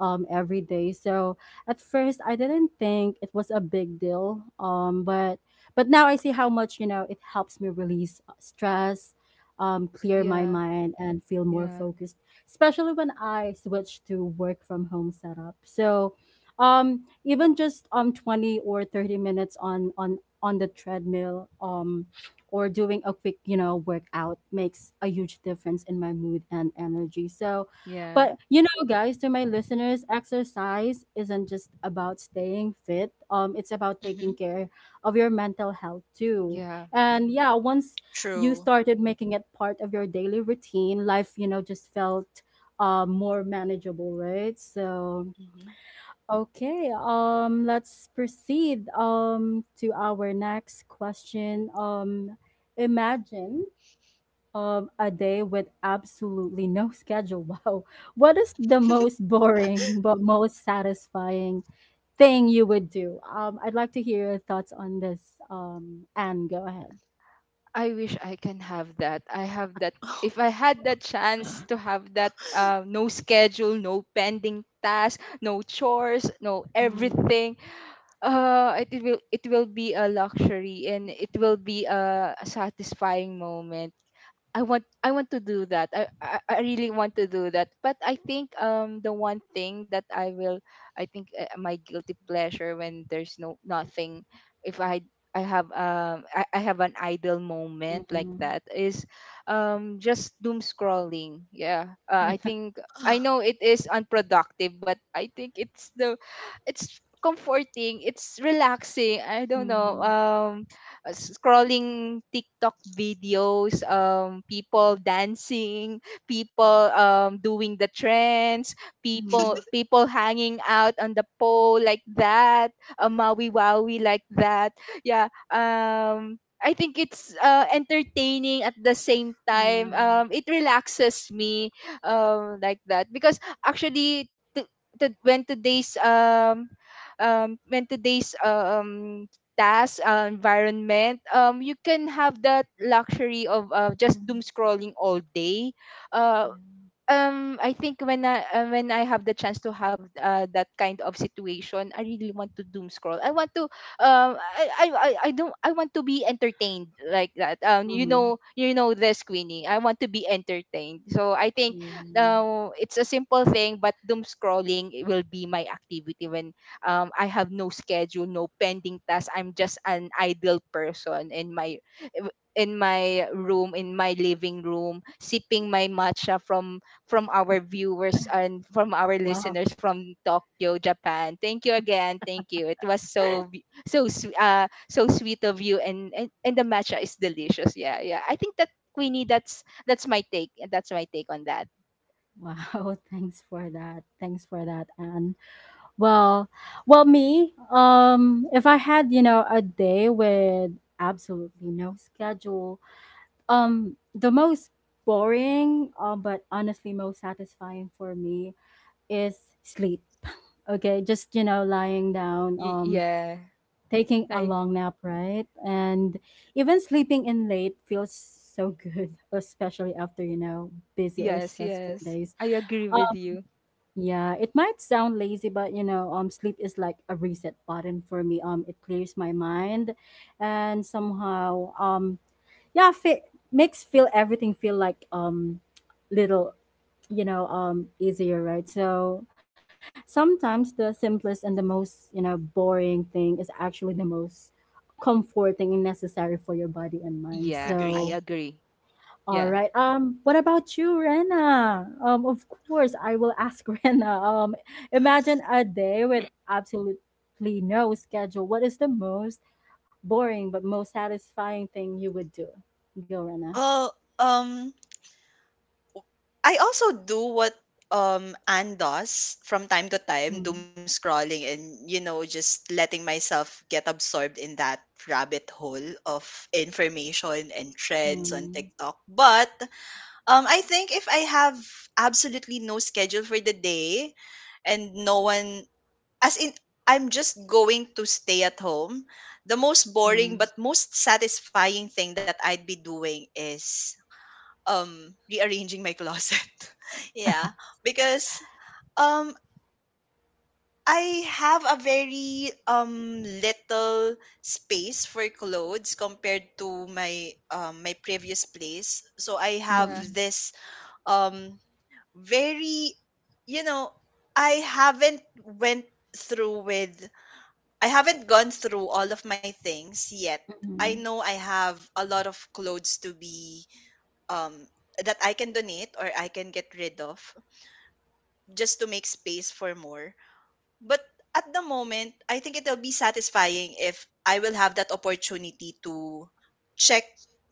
A: every day. So at first I didn't think it was a big deal, but now I see how much it helps me release stress, clear my
B: yeah,
A: mind, and feel more
B: yeah,
A: focused, especially when I switch to work from home setup. So um even just 20 or 30 minutes on the treadmill, or doing a quick workout makes a huge difference in my mood and energy. So
B: yeah,
A: but guys, to my listeners, exercise isn't just about staying fit, it's about taking
C: Hmm.
A: care of your mental health too.
B: yeah.
A: And yeah, once you
C: True.
A: started making it part of your daily routine, life just felt more manageable, right? So
C: Hmm.
A: okay, let's proceed to our next question. Imagine a day with absolutely no schedule. Wow. What is the most boring but most satisfying thing you would do? I'd like to hear your thoughts on this. Anne, go ahead.
B: I wish I can have that. I have that. If I had that chance to have that, no schedule, no pending task, no chores, no
A: Mm,
B: everything, it will be a luxury, and it will be a satisfying moment. I want to do that. I really want to do that. But I think the one thing that I think, my guilty pleasure when there's no nothing, if I have I have an idle moment like
A: mm,
B: that, is just doom scrolling. Yeah. I
A: yeah,
B: think I know it is unproductive, but I think it's comforting, it's relaxing. I don't know.
A: mm,
B: Scrolling TikTok videos, people dancing, people doing the trends,
A: mm,
B: people hanging out on the pole like that, a maui wowie like that. Yeah. I think it's entertaining at the same time.
A: yeah,
B: It relaxes me, like that, because actually, when today's task, environment, you can have that luxury of just
A: mm,
B: doom scrolling all day. Uh,
A: yeah,
B: I think when I have the chance to have that kind of situation, I really want to doom scroll. I want to I don't I want to be entertained like that. You
A: mm,
B: know you know this, Queenie. I want to be entertained. So I think
A: yeah.
B: it's a simple thing, but doom scrolling, it will be my activity when I have no schedule, no pending tasks. I'm just an idle person in my room, in my living room, sipping my matcha from our viewers and from our
A: Wow.
B: listeners from Tokyo, Japan. Thank you again. Thank you. It was so sweet of you, and and the matcha is delicious. Yeah, yeah. I think that, Queenie, that's my take. That's my take on that.
A: Wow, thanks for that. Thanks for that, Anne. Well, well, me, if I had, a day with absolutely no schedule, the most boring, but honestly most satisfying for me is sleep. Okay, just, lying down,
B: Yeah.
A: taking a
B: I
A: long nap, right? And even sleeping in late feels so good, especially after, busy or
B: Yes,
A: stressful
B: yes.
A: days.
B: I agree with you.
A: Yeah, it might sound lazy, but sleep is like a reset button for me. It clears my mind, and somehow, yeah, fe makes feel everything feel like little, easier, right? So sometimes the simplest and the most, boring thing is actually the most comforting and necessary for your body and mind.
B: Yeah, I
C: Agree.
A: So
B: agree.
A: all
B: Yeah.
A: right. What about you, Rena? Of course, I will ask Rena. Imagine a day with absolutely no schedule. What is the most boring but most satisfying thing you would do? Go, Rena.
C: Oh, um I also do what Anne does from time to time,
A: Mm,
C: doom scrolling and you know just letting myself get absorbed in that rabbit hole of information and trends on
A: mm,
C: TikTok. But I think if I have absolutely no schedule for the day and no one, as in, I'm just going to stay at home, the most
A: yeah.
C: boring but most satisfying thing that I'd be doing is rearranging my closet. Yeah, because um I have a very little space for clothes compared to my my previous place. So I have
B: Yeah.
A: Mm,
C: this um very, you know, i haven't went through with I haven't gone through all of my things yet. I
A: mm,
C: know I have a lot of clothes to be um that I can donate or I can get rid of, just to make space for more. But at the moment, I think it'll be satisfying if I will have that opportunity to check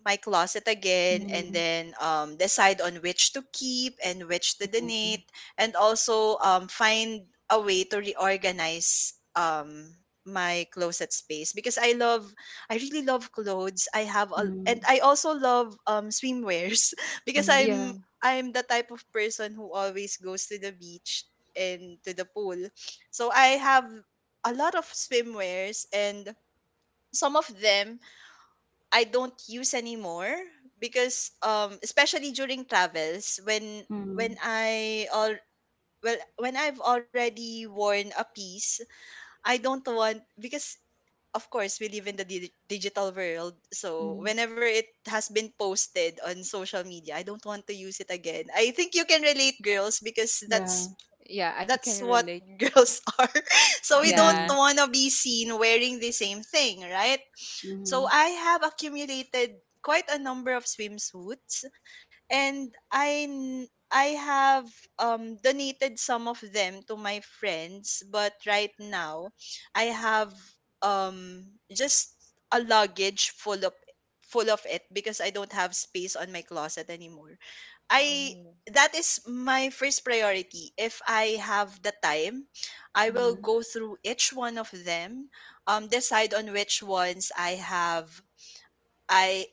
C: my closet again and
A: mm,
C: then, decide on which to keep and which to donate, and also find a way to reorganize my closet space, because I love, I really love clothes. I have a
A: mm,
C: and I also love swimwears because
A: mm,
C: I'm
B: Yeah.
C: I'm the type of person who always goes to the beach and to the pool. So I have a lot of swimwears, and some of them I don't use anymore because especially during travels when
A: mm,
C: I all well when I've already worn a piece, I don't want, because of course we live in the digital world, so
A: mm.
C: whenever it has been posted on social media, I don't want to use it again. I think you can relate, girls, because
A: Yeah.
B: Yeah, I can
C: that's what
B: relate.
C: girls are. So we don't
B: Yeah.
A: Mm-hmm.
C: want to be seen wearing the same thing, right? So
A: Mm-hmm.
C: I have accumulated quite a number of swimsuits, and I have donated some of them to my friends, but right now I have um just a luggage full of it, because I don't have space on my closet anymore. I
B: Oh.
C: That is my first priority. If I have the time, I will
A: Mm-hmm.
C: go through each one of them, decide on which ones I have. I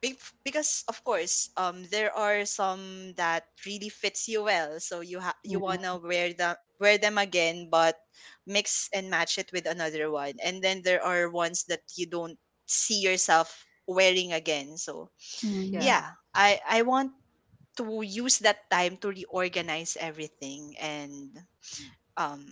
C: be- because of course, there are some that really fits you well, so you
A: Yeah.
C: wanna wear them again, but mix and match it with another one. And then there are ones that you don't see yourself wearing again. So
A: Mm,
B: Yeah.
C: yeah, I want to use that time to reorganize everything and um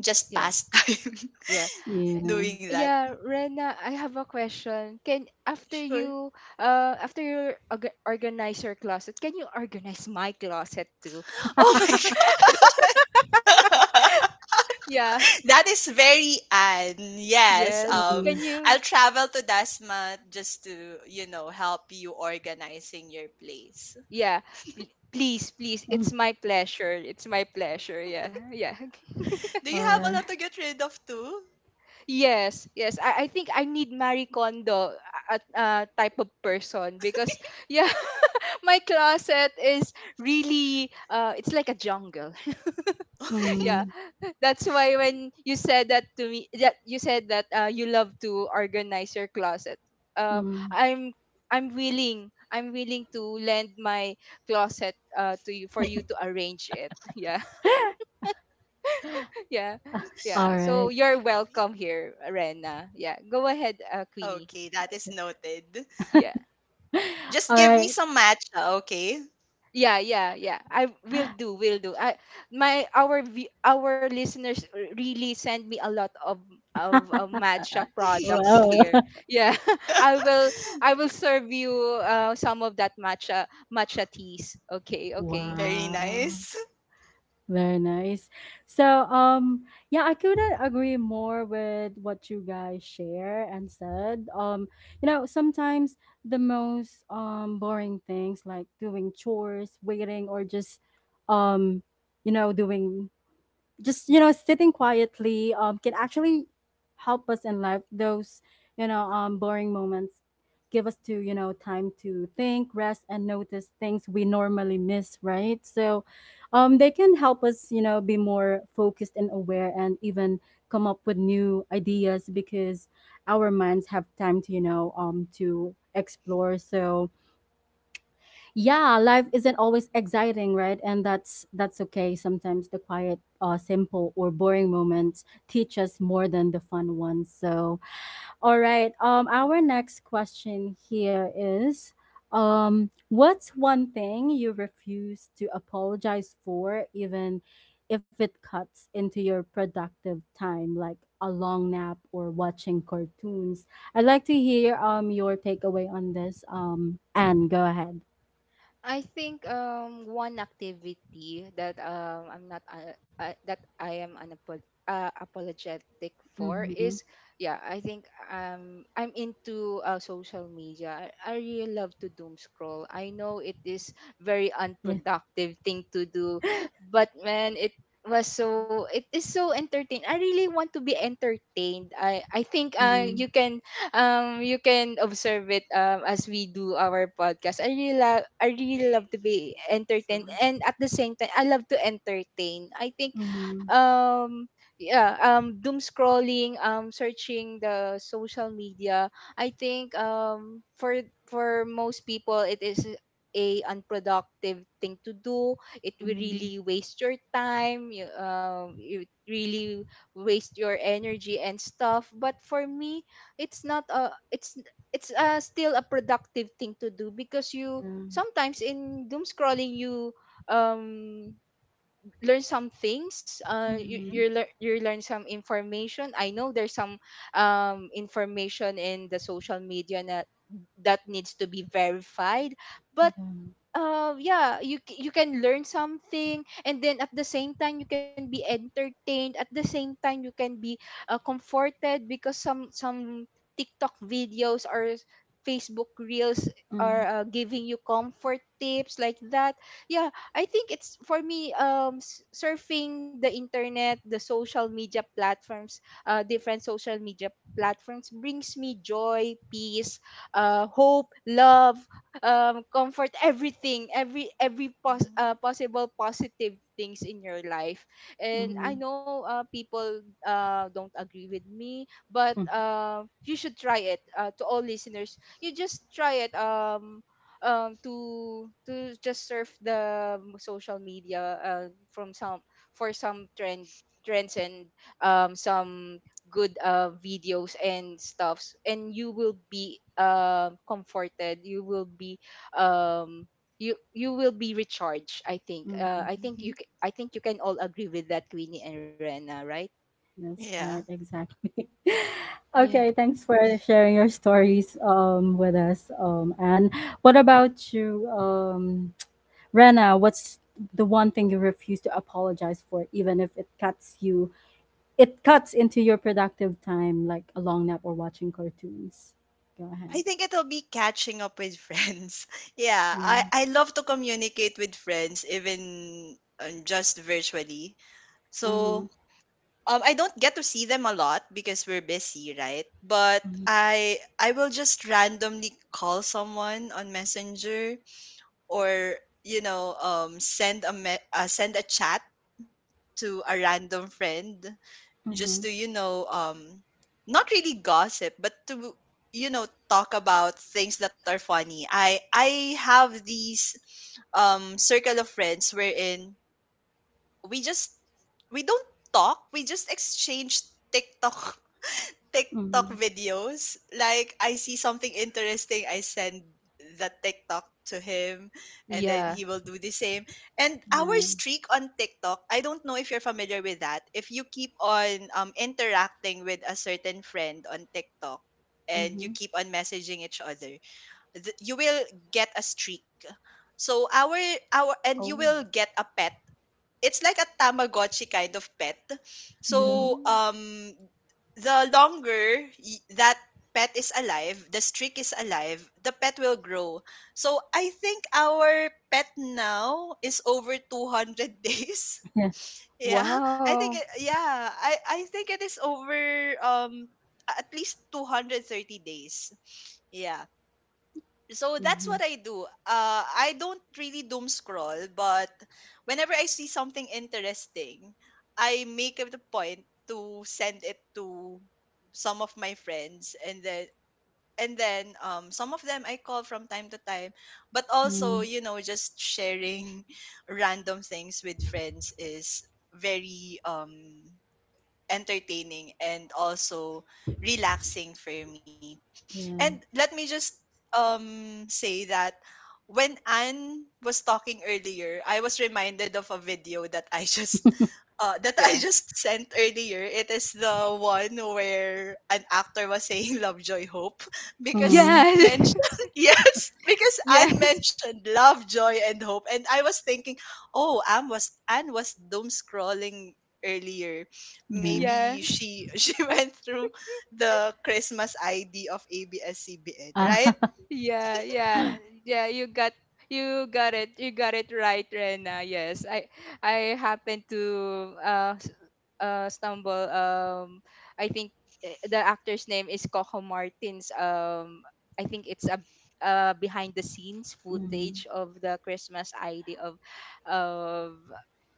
C: just
B: Yeah.
C: pass time
B: Yeah.
A: yeah.
C: doing that.
B: Yeah, Rena, I have a question. Can after
C: Sure.
B: you uh after you orga- organize your closet, can you organize my closet too?
C: Oh my god.
B: Yeah.
C: That is very Anne. Yes.
B: Yes.
A: Mm,
B: Can you?
C: I'll travel to Dasma just to, you know, help you organizing your place.
B: Yeah. Please, please.
A: mm.
B: It's my pleasure. It's my pleasure. Yeah. Yeah.
C: Do you
A: All
C: have a
A: right.
C: lot to get rid of too?
B: Yes, yes. I think I need Marie Kondo, type of person, because yeah, my closet is really, it's like a jungle. Yeah,
C: That's
A: Mm,
B: that's why when you said that to me, that you said that you love to organize your closet. Uh,
A: mm.
B: I'm I'm willing. I'm willing to lend my closet, to you for you to arrange it. Yeah, yeah. Yeah. So
C: very
A: Alright,
B: you're
C: funny.
B: welcome here, Rena. Yeah. Go ahead,
C: Okay,
B: Queenie.
C: that is noted.
B: Yeah.
C: Just give me
A: alright.
C: some matcha, okay?
B: Yeah, yeah, yeah. I will do, will do. I Our listeners really send me a lot of of matcha products
A: Wow.
B: here. Yeah. I will I will serve you some of that matcha teas. Okay, okay.
C: Very
A: Wow,
C: nice.
A: very nice. So, yeah, I couldn't agree more with what you guys share and said. You know, sometimes the most boring things like doing chores, waiting, or just um, you know, doing just sitting quietly can actually help us in life. Those boring moments give us to you know time to think, rest, and notice things we normally miss, right? So they can help us be more focused and aware and even come up with new ideas because our minds have time to to explore. So yeah, life isn't always exciting, right? And that's okay. Sometimes the quiet, simple, or boring moments teach us more than the fun ones. So all right, our next question here is what's one thing you refuse to apologize for, even if it cuts into your productive time, like a long nap or watching cartoons? I'd like to hear your takeaway on this. Anne, go ahead.
B: I think one activity that I'm not that I am apologetic for
A: Mhm.
B: is, yeah, I think I'm into social media. I really love to doom scroll. I know it is very
A: Yeah.
B: unproductive thing to do, but man, it is so entertaining. I really want to be entertained. I think
A: Mhm.
B: you can, you can observe it, as we do our podcast. I really love, I really love to
C: Very,
B: be
C: very
B: entertained,
C: noticeable.
B: and at the same time I love to entertain, I think.
A: Mhm.
B: um yeah. Doom scrolling, searching the social media, I think for most people it is a unproductive thing to do, it will
A: Mhm.
B: really waste your time, you, it really waste your energy and stuff, but for me, it's not a it's still a productive thing to do, because you,
A: Yeah.
B: sometimes in doom scrolling, you um learn some things, you
C: Mhm,
A: Mhm.
B: you learn some information. I know there's some information in the social media that needs to be verified, but
A: Yeah.
B: yeah, you you can learn something, and then at the same time you can be entertained. At the same time you can be comforted, because some TikTok videos or Facebook reels are
A: Mhm.
B: giving you comfort tips like that. Yeah, I think it's for me, surfing the internet, the social media platforms, different social media platforms, brings me joy, peace, hope, love, comfort, everything, every
C: mhm,
B: possible positive things in your life. And I
A: Mhm.
B: know people don't agree with me, but
A: Mhm.
B: you should try it, to all listeners, you just try it, to just surf the, social media, from some, for some trends, and some good, videos and stuffs, and you will be comforted, you will be, um you you will be recharged, I think.
A: Mhm.
B: I think you
C: mhm.
B: I think you can all agree with that, Queenie and Rena, right?
A: That's right,
C: Yeah.
A: exactly.
B: Yeah,
A: Okay, thanks for sharing your stories with us. And what about you, Rena, what's the one thing you refuse to apologize for, even if it cuts you it cuts into your productive time, like a long nap or watching cartoons? Go ahead.
C: I think it'll be catching up with friends. Yeah,
A: Yeah.
C: I love to communicate with friends even, just virtually.
A: Mm-hmm.
C: So I don't get to see them a lot because we're busy, right? But I will just randomly call someone on Messenger, or you know, send a send a chat to a random friend,
A: Mm-hmm.
C: just to, you know, not really gossip, but to, you know, talk about things that are funny. I have these circle of friends wherein we just we don't talk we just exchange tiktok TikTok
A: Mhm.
C: videos. Like I see something interesting, I send the TikTok to him, and then
B: yeah.
C: he will do the same. And our
A: Yeah.
C: streak on TikTok, I don't know if you're familiar with that. If you keep on interacting with a certain friend on TikTok and you
A: Mhm.
C: keep on messaging each other, you will get a streak. So our and you
B: Oh,
C: will get a pet. It's like a Tamagotchi kind of pet.
A: Yeah.
C: So
B: oh.
C: the longer that pet is alive, the streak is alive, the pet will grow. So I think our pet now is over 200 days.
A: Yeah.
C: Yeah. I think
B: Wow.
C: it, yeah, I think it is over um at least 230 days. Yeah. So that's
A: Mhm.
C: what I do. I don't really doom scroll, but whenever I see something interesting, I make it a point to send it to some of my friends. And then some of them I call from time to time, but also,
A: Mm.
C: you know, just sharing random things with friends is very entertaining and also relaxing for me. And
A: Yeah.
C: let me just say that when Anne was talking earlier, I was reminded of a video that I just that I
B: Yeah,
C: just sent earlier. It is the one where an actor was saying Lovejoy Hope because
A: Mm.
B: yeah.
C: mentioned. Yes, because Anne
B: Yes.
C: mentioned Lovejoy and Hope, and I was thinking, oh, Anne was doom scrolling earlier,
A: Yeah.
C: maybe
B: Yeah.
C: she she went through the Christmas ID of ABS-CBN, right?
A: Ah.
B: Yeah, yeah, yeah. You got it. You got it right, Rena. Yes, I happened to stumble. I think, the actor's name is Coco Martins. I think it's a, behind the scenes
A: Mhm.
B: footage of the Christmas ID of of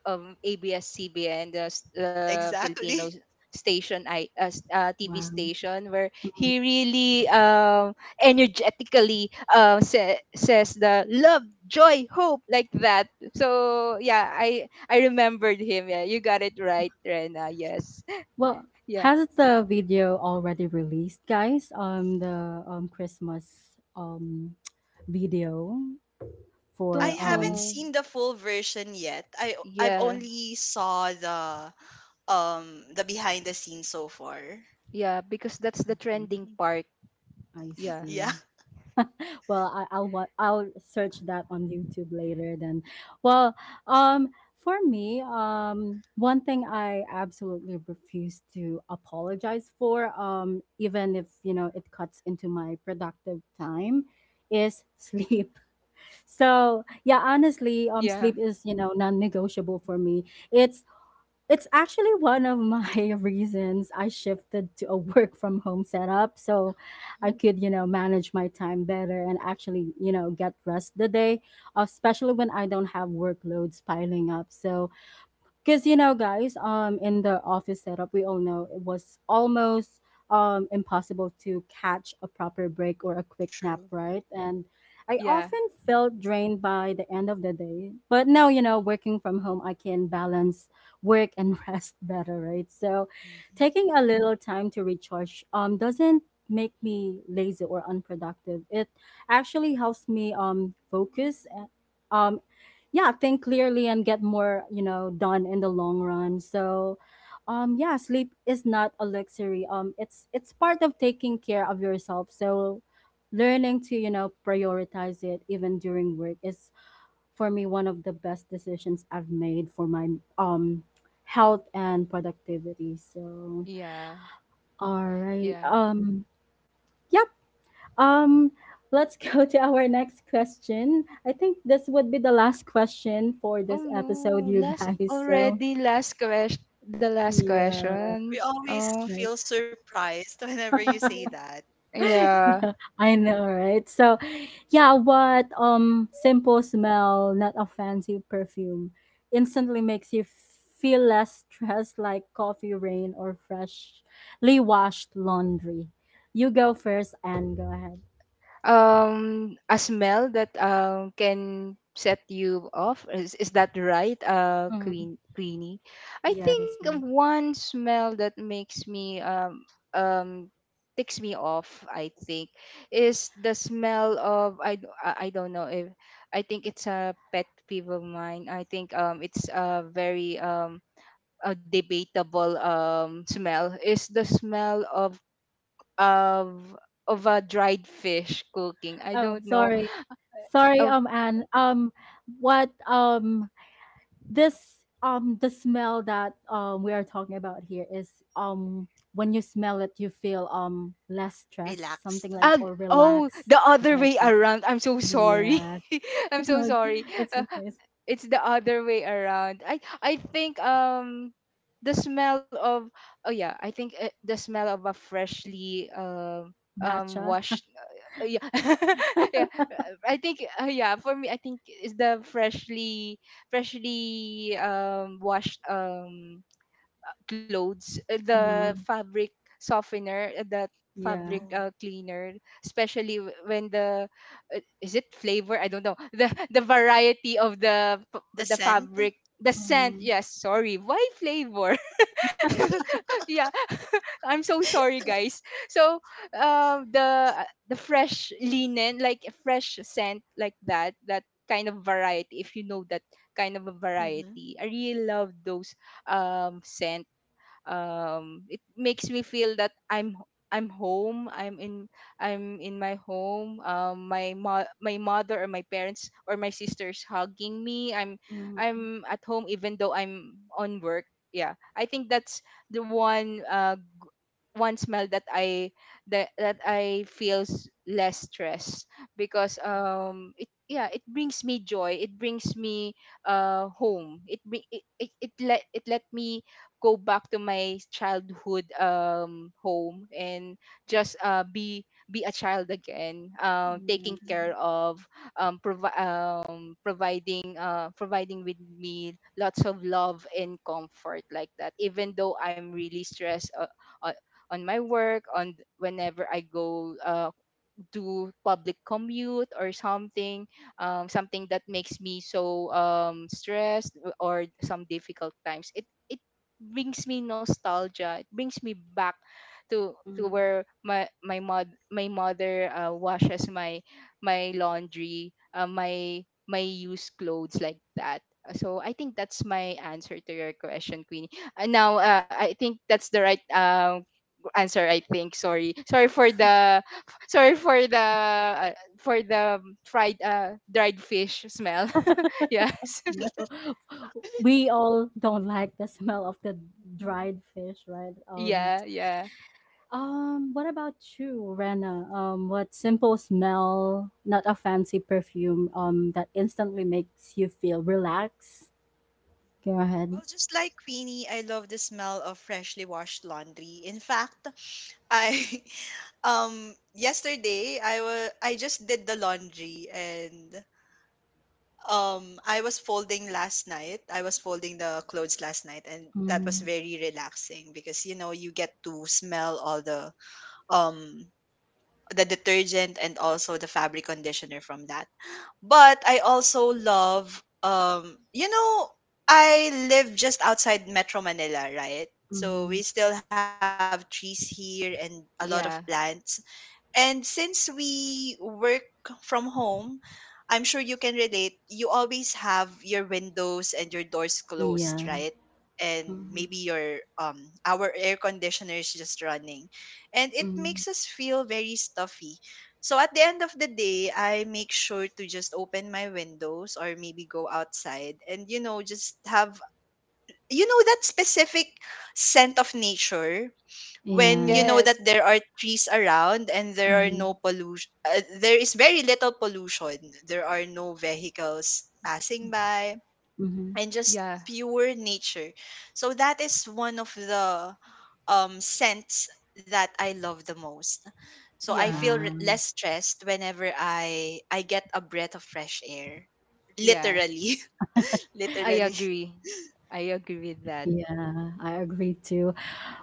B: ABS-CBN, the
C: Exactly.
B: Filipino station, I, TV
A: Wow. Mhm.
B: station, where he really energetically says the love joy hope, like that. So yeah, I remembered him. Yeah, you got it right, Rena, yes.
A: Well,
B: Yeah,
A: has the video already released, guys? The Christmas video
B: I
C: I
B: don't
A: for
C: haven't
A: um.
B: know.
C: seen the full version yet. I've
B: Yeah,
C: only saw the behind the scenes so far.
B: yeah, because that's the
A: Okay,
B: trending part.
A: I
B: Yeah,
C: Yeah,
A: see. Well, I'll search that on YouTube later then. Well, um for me, one thing I absolutely refuse to apologize for, even if it cuts into my productive time, is sleep. So yeah, honestly,
B: yeah,
A: sleep is non-negotiable for me. It's it's actually one of my reasons I shifted to a work from home setup, so I could, manage my time better and actually, get rest the day, especially when I don't have workloads piling up. So because guys, in the office setup, we all know it was almost impossible to catch a proper break or a quick
C: true.
A: nap, right? And I
B: yeah,
A: often felt drained by the end of the day. But now working from home, I can balance work and rest better, right? So
C: Mhm.
A: taking a little time to recharge doesn't make me lazy or unproductive. It actually helps me focus, yeah, think clearly, and get more done in the long run. So yeah, sleep is not a luxury, it's part of taking care of yourself. So learning to prioritize it even during work is, for me, one of the best decisions I've made for my um health and productivity. So
B: yeah,
A: all right,
B: yeah.
A: yeah um, let's go to our next question. I think this would be the last question for
B: Oh
A: this episode,
B: no,
A: you
B: last
A: guys. So,
B: already, last question. The last
A: yeah,
B: question.
C: We always
B: Oh.
A: right.
C: feel surprised whenever you say that.
B: Yeah.
A: Yeah, I know, right? So, yeah, what simple smell, not a fancy perfume, instantly makes you feel less stressed, like coffee, rain, or freshly washed laundry? You go first and go ahead.
B: A smell that can set you off, is that right,
A: Mhm.
B: Queenie? I
A: Yeah,
B: think
A: that's
B: of
A: right.
B: one smell that makes me, um ticks me off, I think, is the smell of, I don't know if, I think it's a pet peeve of mine, I think. It's a very, a debatable, smell, is the smell of, of a dried fish cooking. I
A: Oh,
B: don't know.
A: sorry. Sorry,
B: Oh.
A: Anne. What, this, the smell that, we are talking about here is, when you smell it, you feel, less stressed, something
C: Relaxed.
A: like,
B: Ah,
A: or
B: oh,
A: relaxed,
B: the
A: something
B: other
A: like
B: way
A: that.
B: around. I'm so sorry.
A: Yeah.
B: I'm so sorry.
A: It's
B: Uh,
A: okay. It's
B: it's the other way around. I think, the smell of, oh yeah, I think, the smell of a freshly,
A: matcha.
B: washed, yeah, yeah, I think, yeah, for me, I think it's the freshly washed, clothes, the
A: Mm,
B: fabric softener, the fabric,
A: yeah.
C: Oh,
B: cleaner, especially when the, is it flavor? I don't know. The variety of
C: the
B: the
C: scent.
B: fabric, the scent.
A: Mm,
B: Yes, sorry, why flavor? Yeah. I'm so sorry, guys. So, uh, the the fresh linen, like a fresh scent like that, that kind of variety, if you know that kind of a
C: Hmm.
B: variety, I really love those, scent. It makes me feel that I'm home, I'm in my home. My mother or my parents or my sisters hugging me,
A: mm,
B: I'm at home, even though I'm on work. Yeah. I think that's the one, one smell that, I that I feels less stress, because it, yeah, it brings me joy, it brings me, home, it bring it let, me go back to my childhood, home, and just, be a child again,
A: yeah.
B: taking care of, providing, providing with me lots of love and comfort like that, even though I'm really stressed, uh, on my work, on whenever I go, do public commute or something, something that makes me so, stressed, or some difficult times, it brings me nostalgia, it brings me back to
A: Mm.
B: where, my mother washes my, laundry, my used clothes like that. So I think that's my answer to your question, Queenie. And now, I think that's the right, answer, I think. Sorry. Sorry for the, for the fried, dried fish smell. Yes.
A: No, we all don't like the smell of the dried fish, right?
B: Yeah, yeah.
A: What about you, Rena? What simple smell, not a fancy perfume, that instantly makes you feel relaxed?
C: Mm-hmm.
A: Go
C: Well,
A: ahead.
C: just like Queenie, I love the smell of freshly washed laundry. In fact, I yesterday I just did the laundry, and I was folding last night. I was folding the clothes last night, and that was
A: Mm-hmm.
C: very relaxing because, you know, you get to smell all um the detergent and also the fabric conditioner from that. But I also love, you know, I live just outside Metro Manila, right? So
A: Mm-hmm.
C: we still have trees here and a lot of plants,
B: Yeah.
C: and since we work from home, I'm sure you can relate. You always have your windows and your doors closed,
A: Yeah.
C: right? And
A: Mm-hmm.
C: maybe your our air conditioner is just running. And it
A: Mm-hmm.
C: makes us feel very stuffy. So at the end of the day, I make sure to just open my windows or maybe go outside and, you know, just have, you know, that specific scent of nature, when
A: Yeah.
C: you know that
B: Yes.
C: there are trees around and there are
A: Mm-hmm.
C: no pollution, there is very little pollution, there are no vehicles passing by,
A: Mm-hmm.
C: and just
B: Yeah.
C: pure nature. So that is one of the scents that I love the most. So
B: Yeah.
A: Wow.
C: less stressed whenever I get a breath of fresh air,
B: Yeah.
C: literally.
B: I
C: Literally.
B: agree. I agree with that.
A: Yeah, I agree too.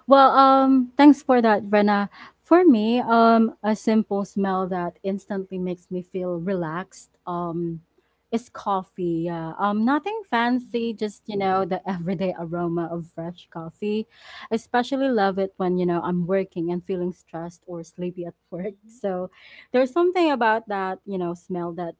A: Well, thanks for that, Rena. For me, a simple smell that instantly makes me feel relaxed is coffee. Yeah. Nothing fancy,
C: Mhm,
A: just, the everyday aroma of fresh coffee. Especially love it when, I'm working and feeling stressed or sleepy at work. So there's something about that, smell that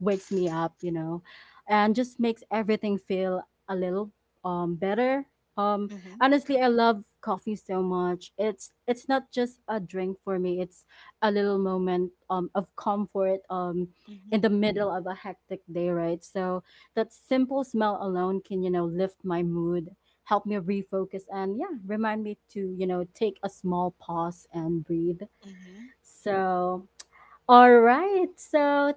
A: wakes me up, and just makes everything feel a little better. Um
C: mhm,
A: Honestly, I love coffee so much. It's not just a drink for me. It's a little moment of comfort
C: hmm,
A: in the middle of a hectic day, right? So that simple smell alone can, lift my mood, help me refocus, and yeah, remind me to, take a small pause and breathe.
C: mhm.
A: So all right. So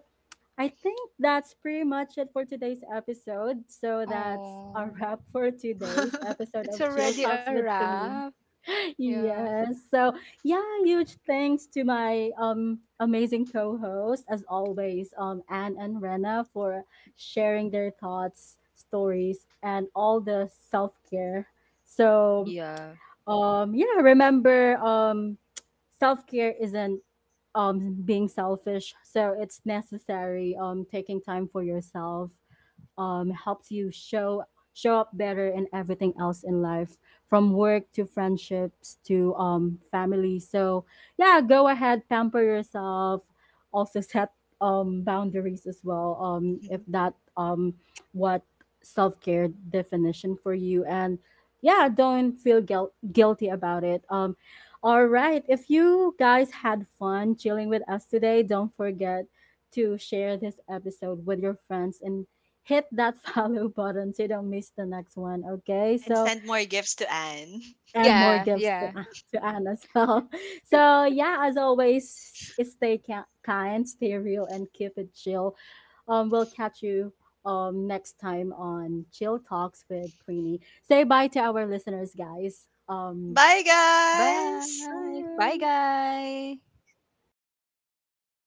A: I think that's pretty much it for today's episode. So that's a
B: Oh,
A: wrap for today's episode
B: it's
A: of Chill
B: already a
A: Talks with
B: wrap.
A: Queenie.
B: Yeah.
A: Yes. So yeah, huge thanks to my amazing co-host as always, Anne and Rena, for sharing their thoughts, stories, and all the self-care. So
B: Yeah.
A: yeah, remember, self-care isn't being selfish, so it's necessary. Taking time for yourself helps you show up better in everything else in life, from work to friendships to family. So yeah, go ahead, pamper yourself. Also set boundaries as well.
C: Hmm.
A: If that what self care definition for you, and yeah, don't feel guilty about it. All right. If you guys had fun chilling with us today, don't forget to share this episode with your friends and hit that follow button so you don't miss the next one. Okay.
C: And
A: So,
C: send more gifts to Anne.
A: and more
B: Yeah.
A: gifts
B: Yeah.
A: to, to Anne as well. So, yeah, as always, stay kind, stay real, and keep it chill. We'll catch you next time on Chill Talks with Queenie. Say bye to our listeners, guys.
C: Bye,
B: Bye.
C: guys!
B: Bye,
A: Bye.
B: guys.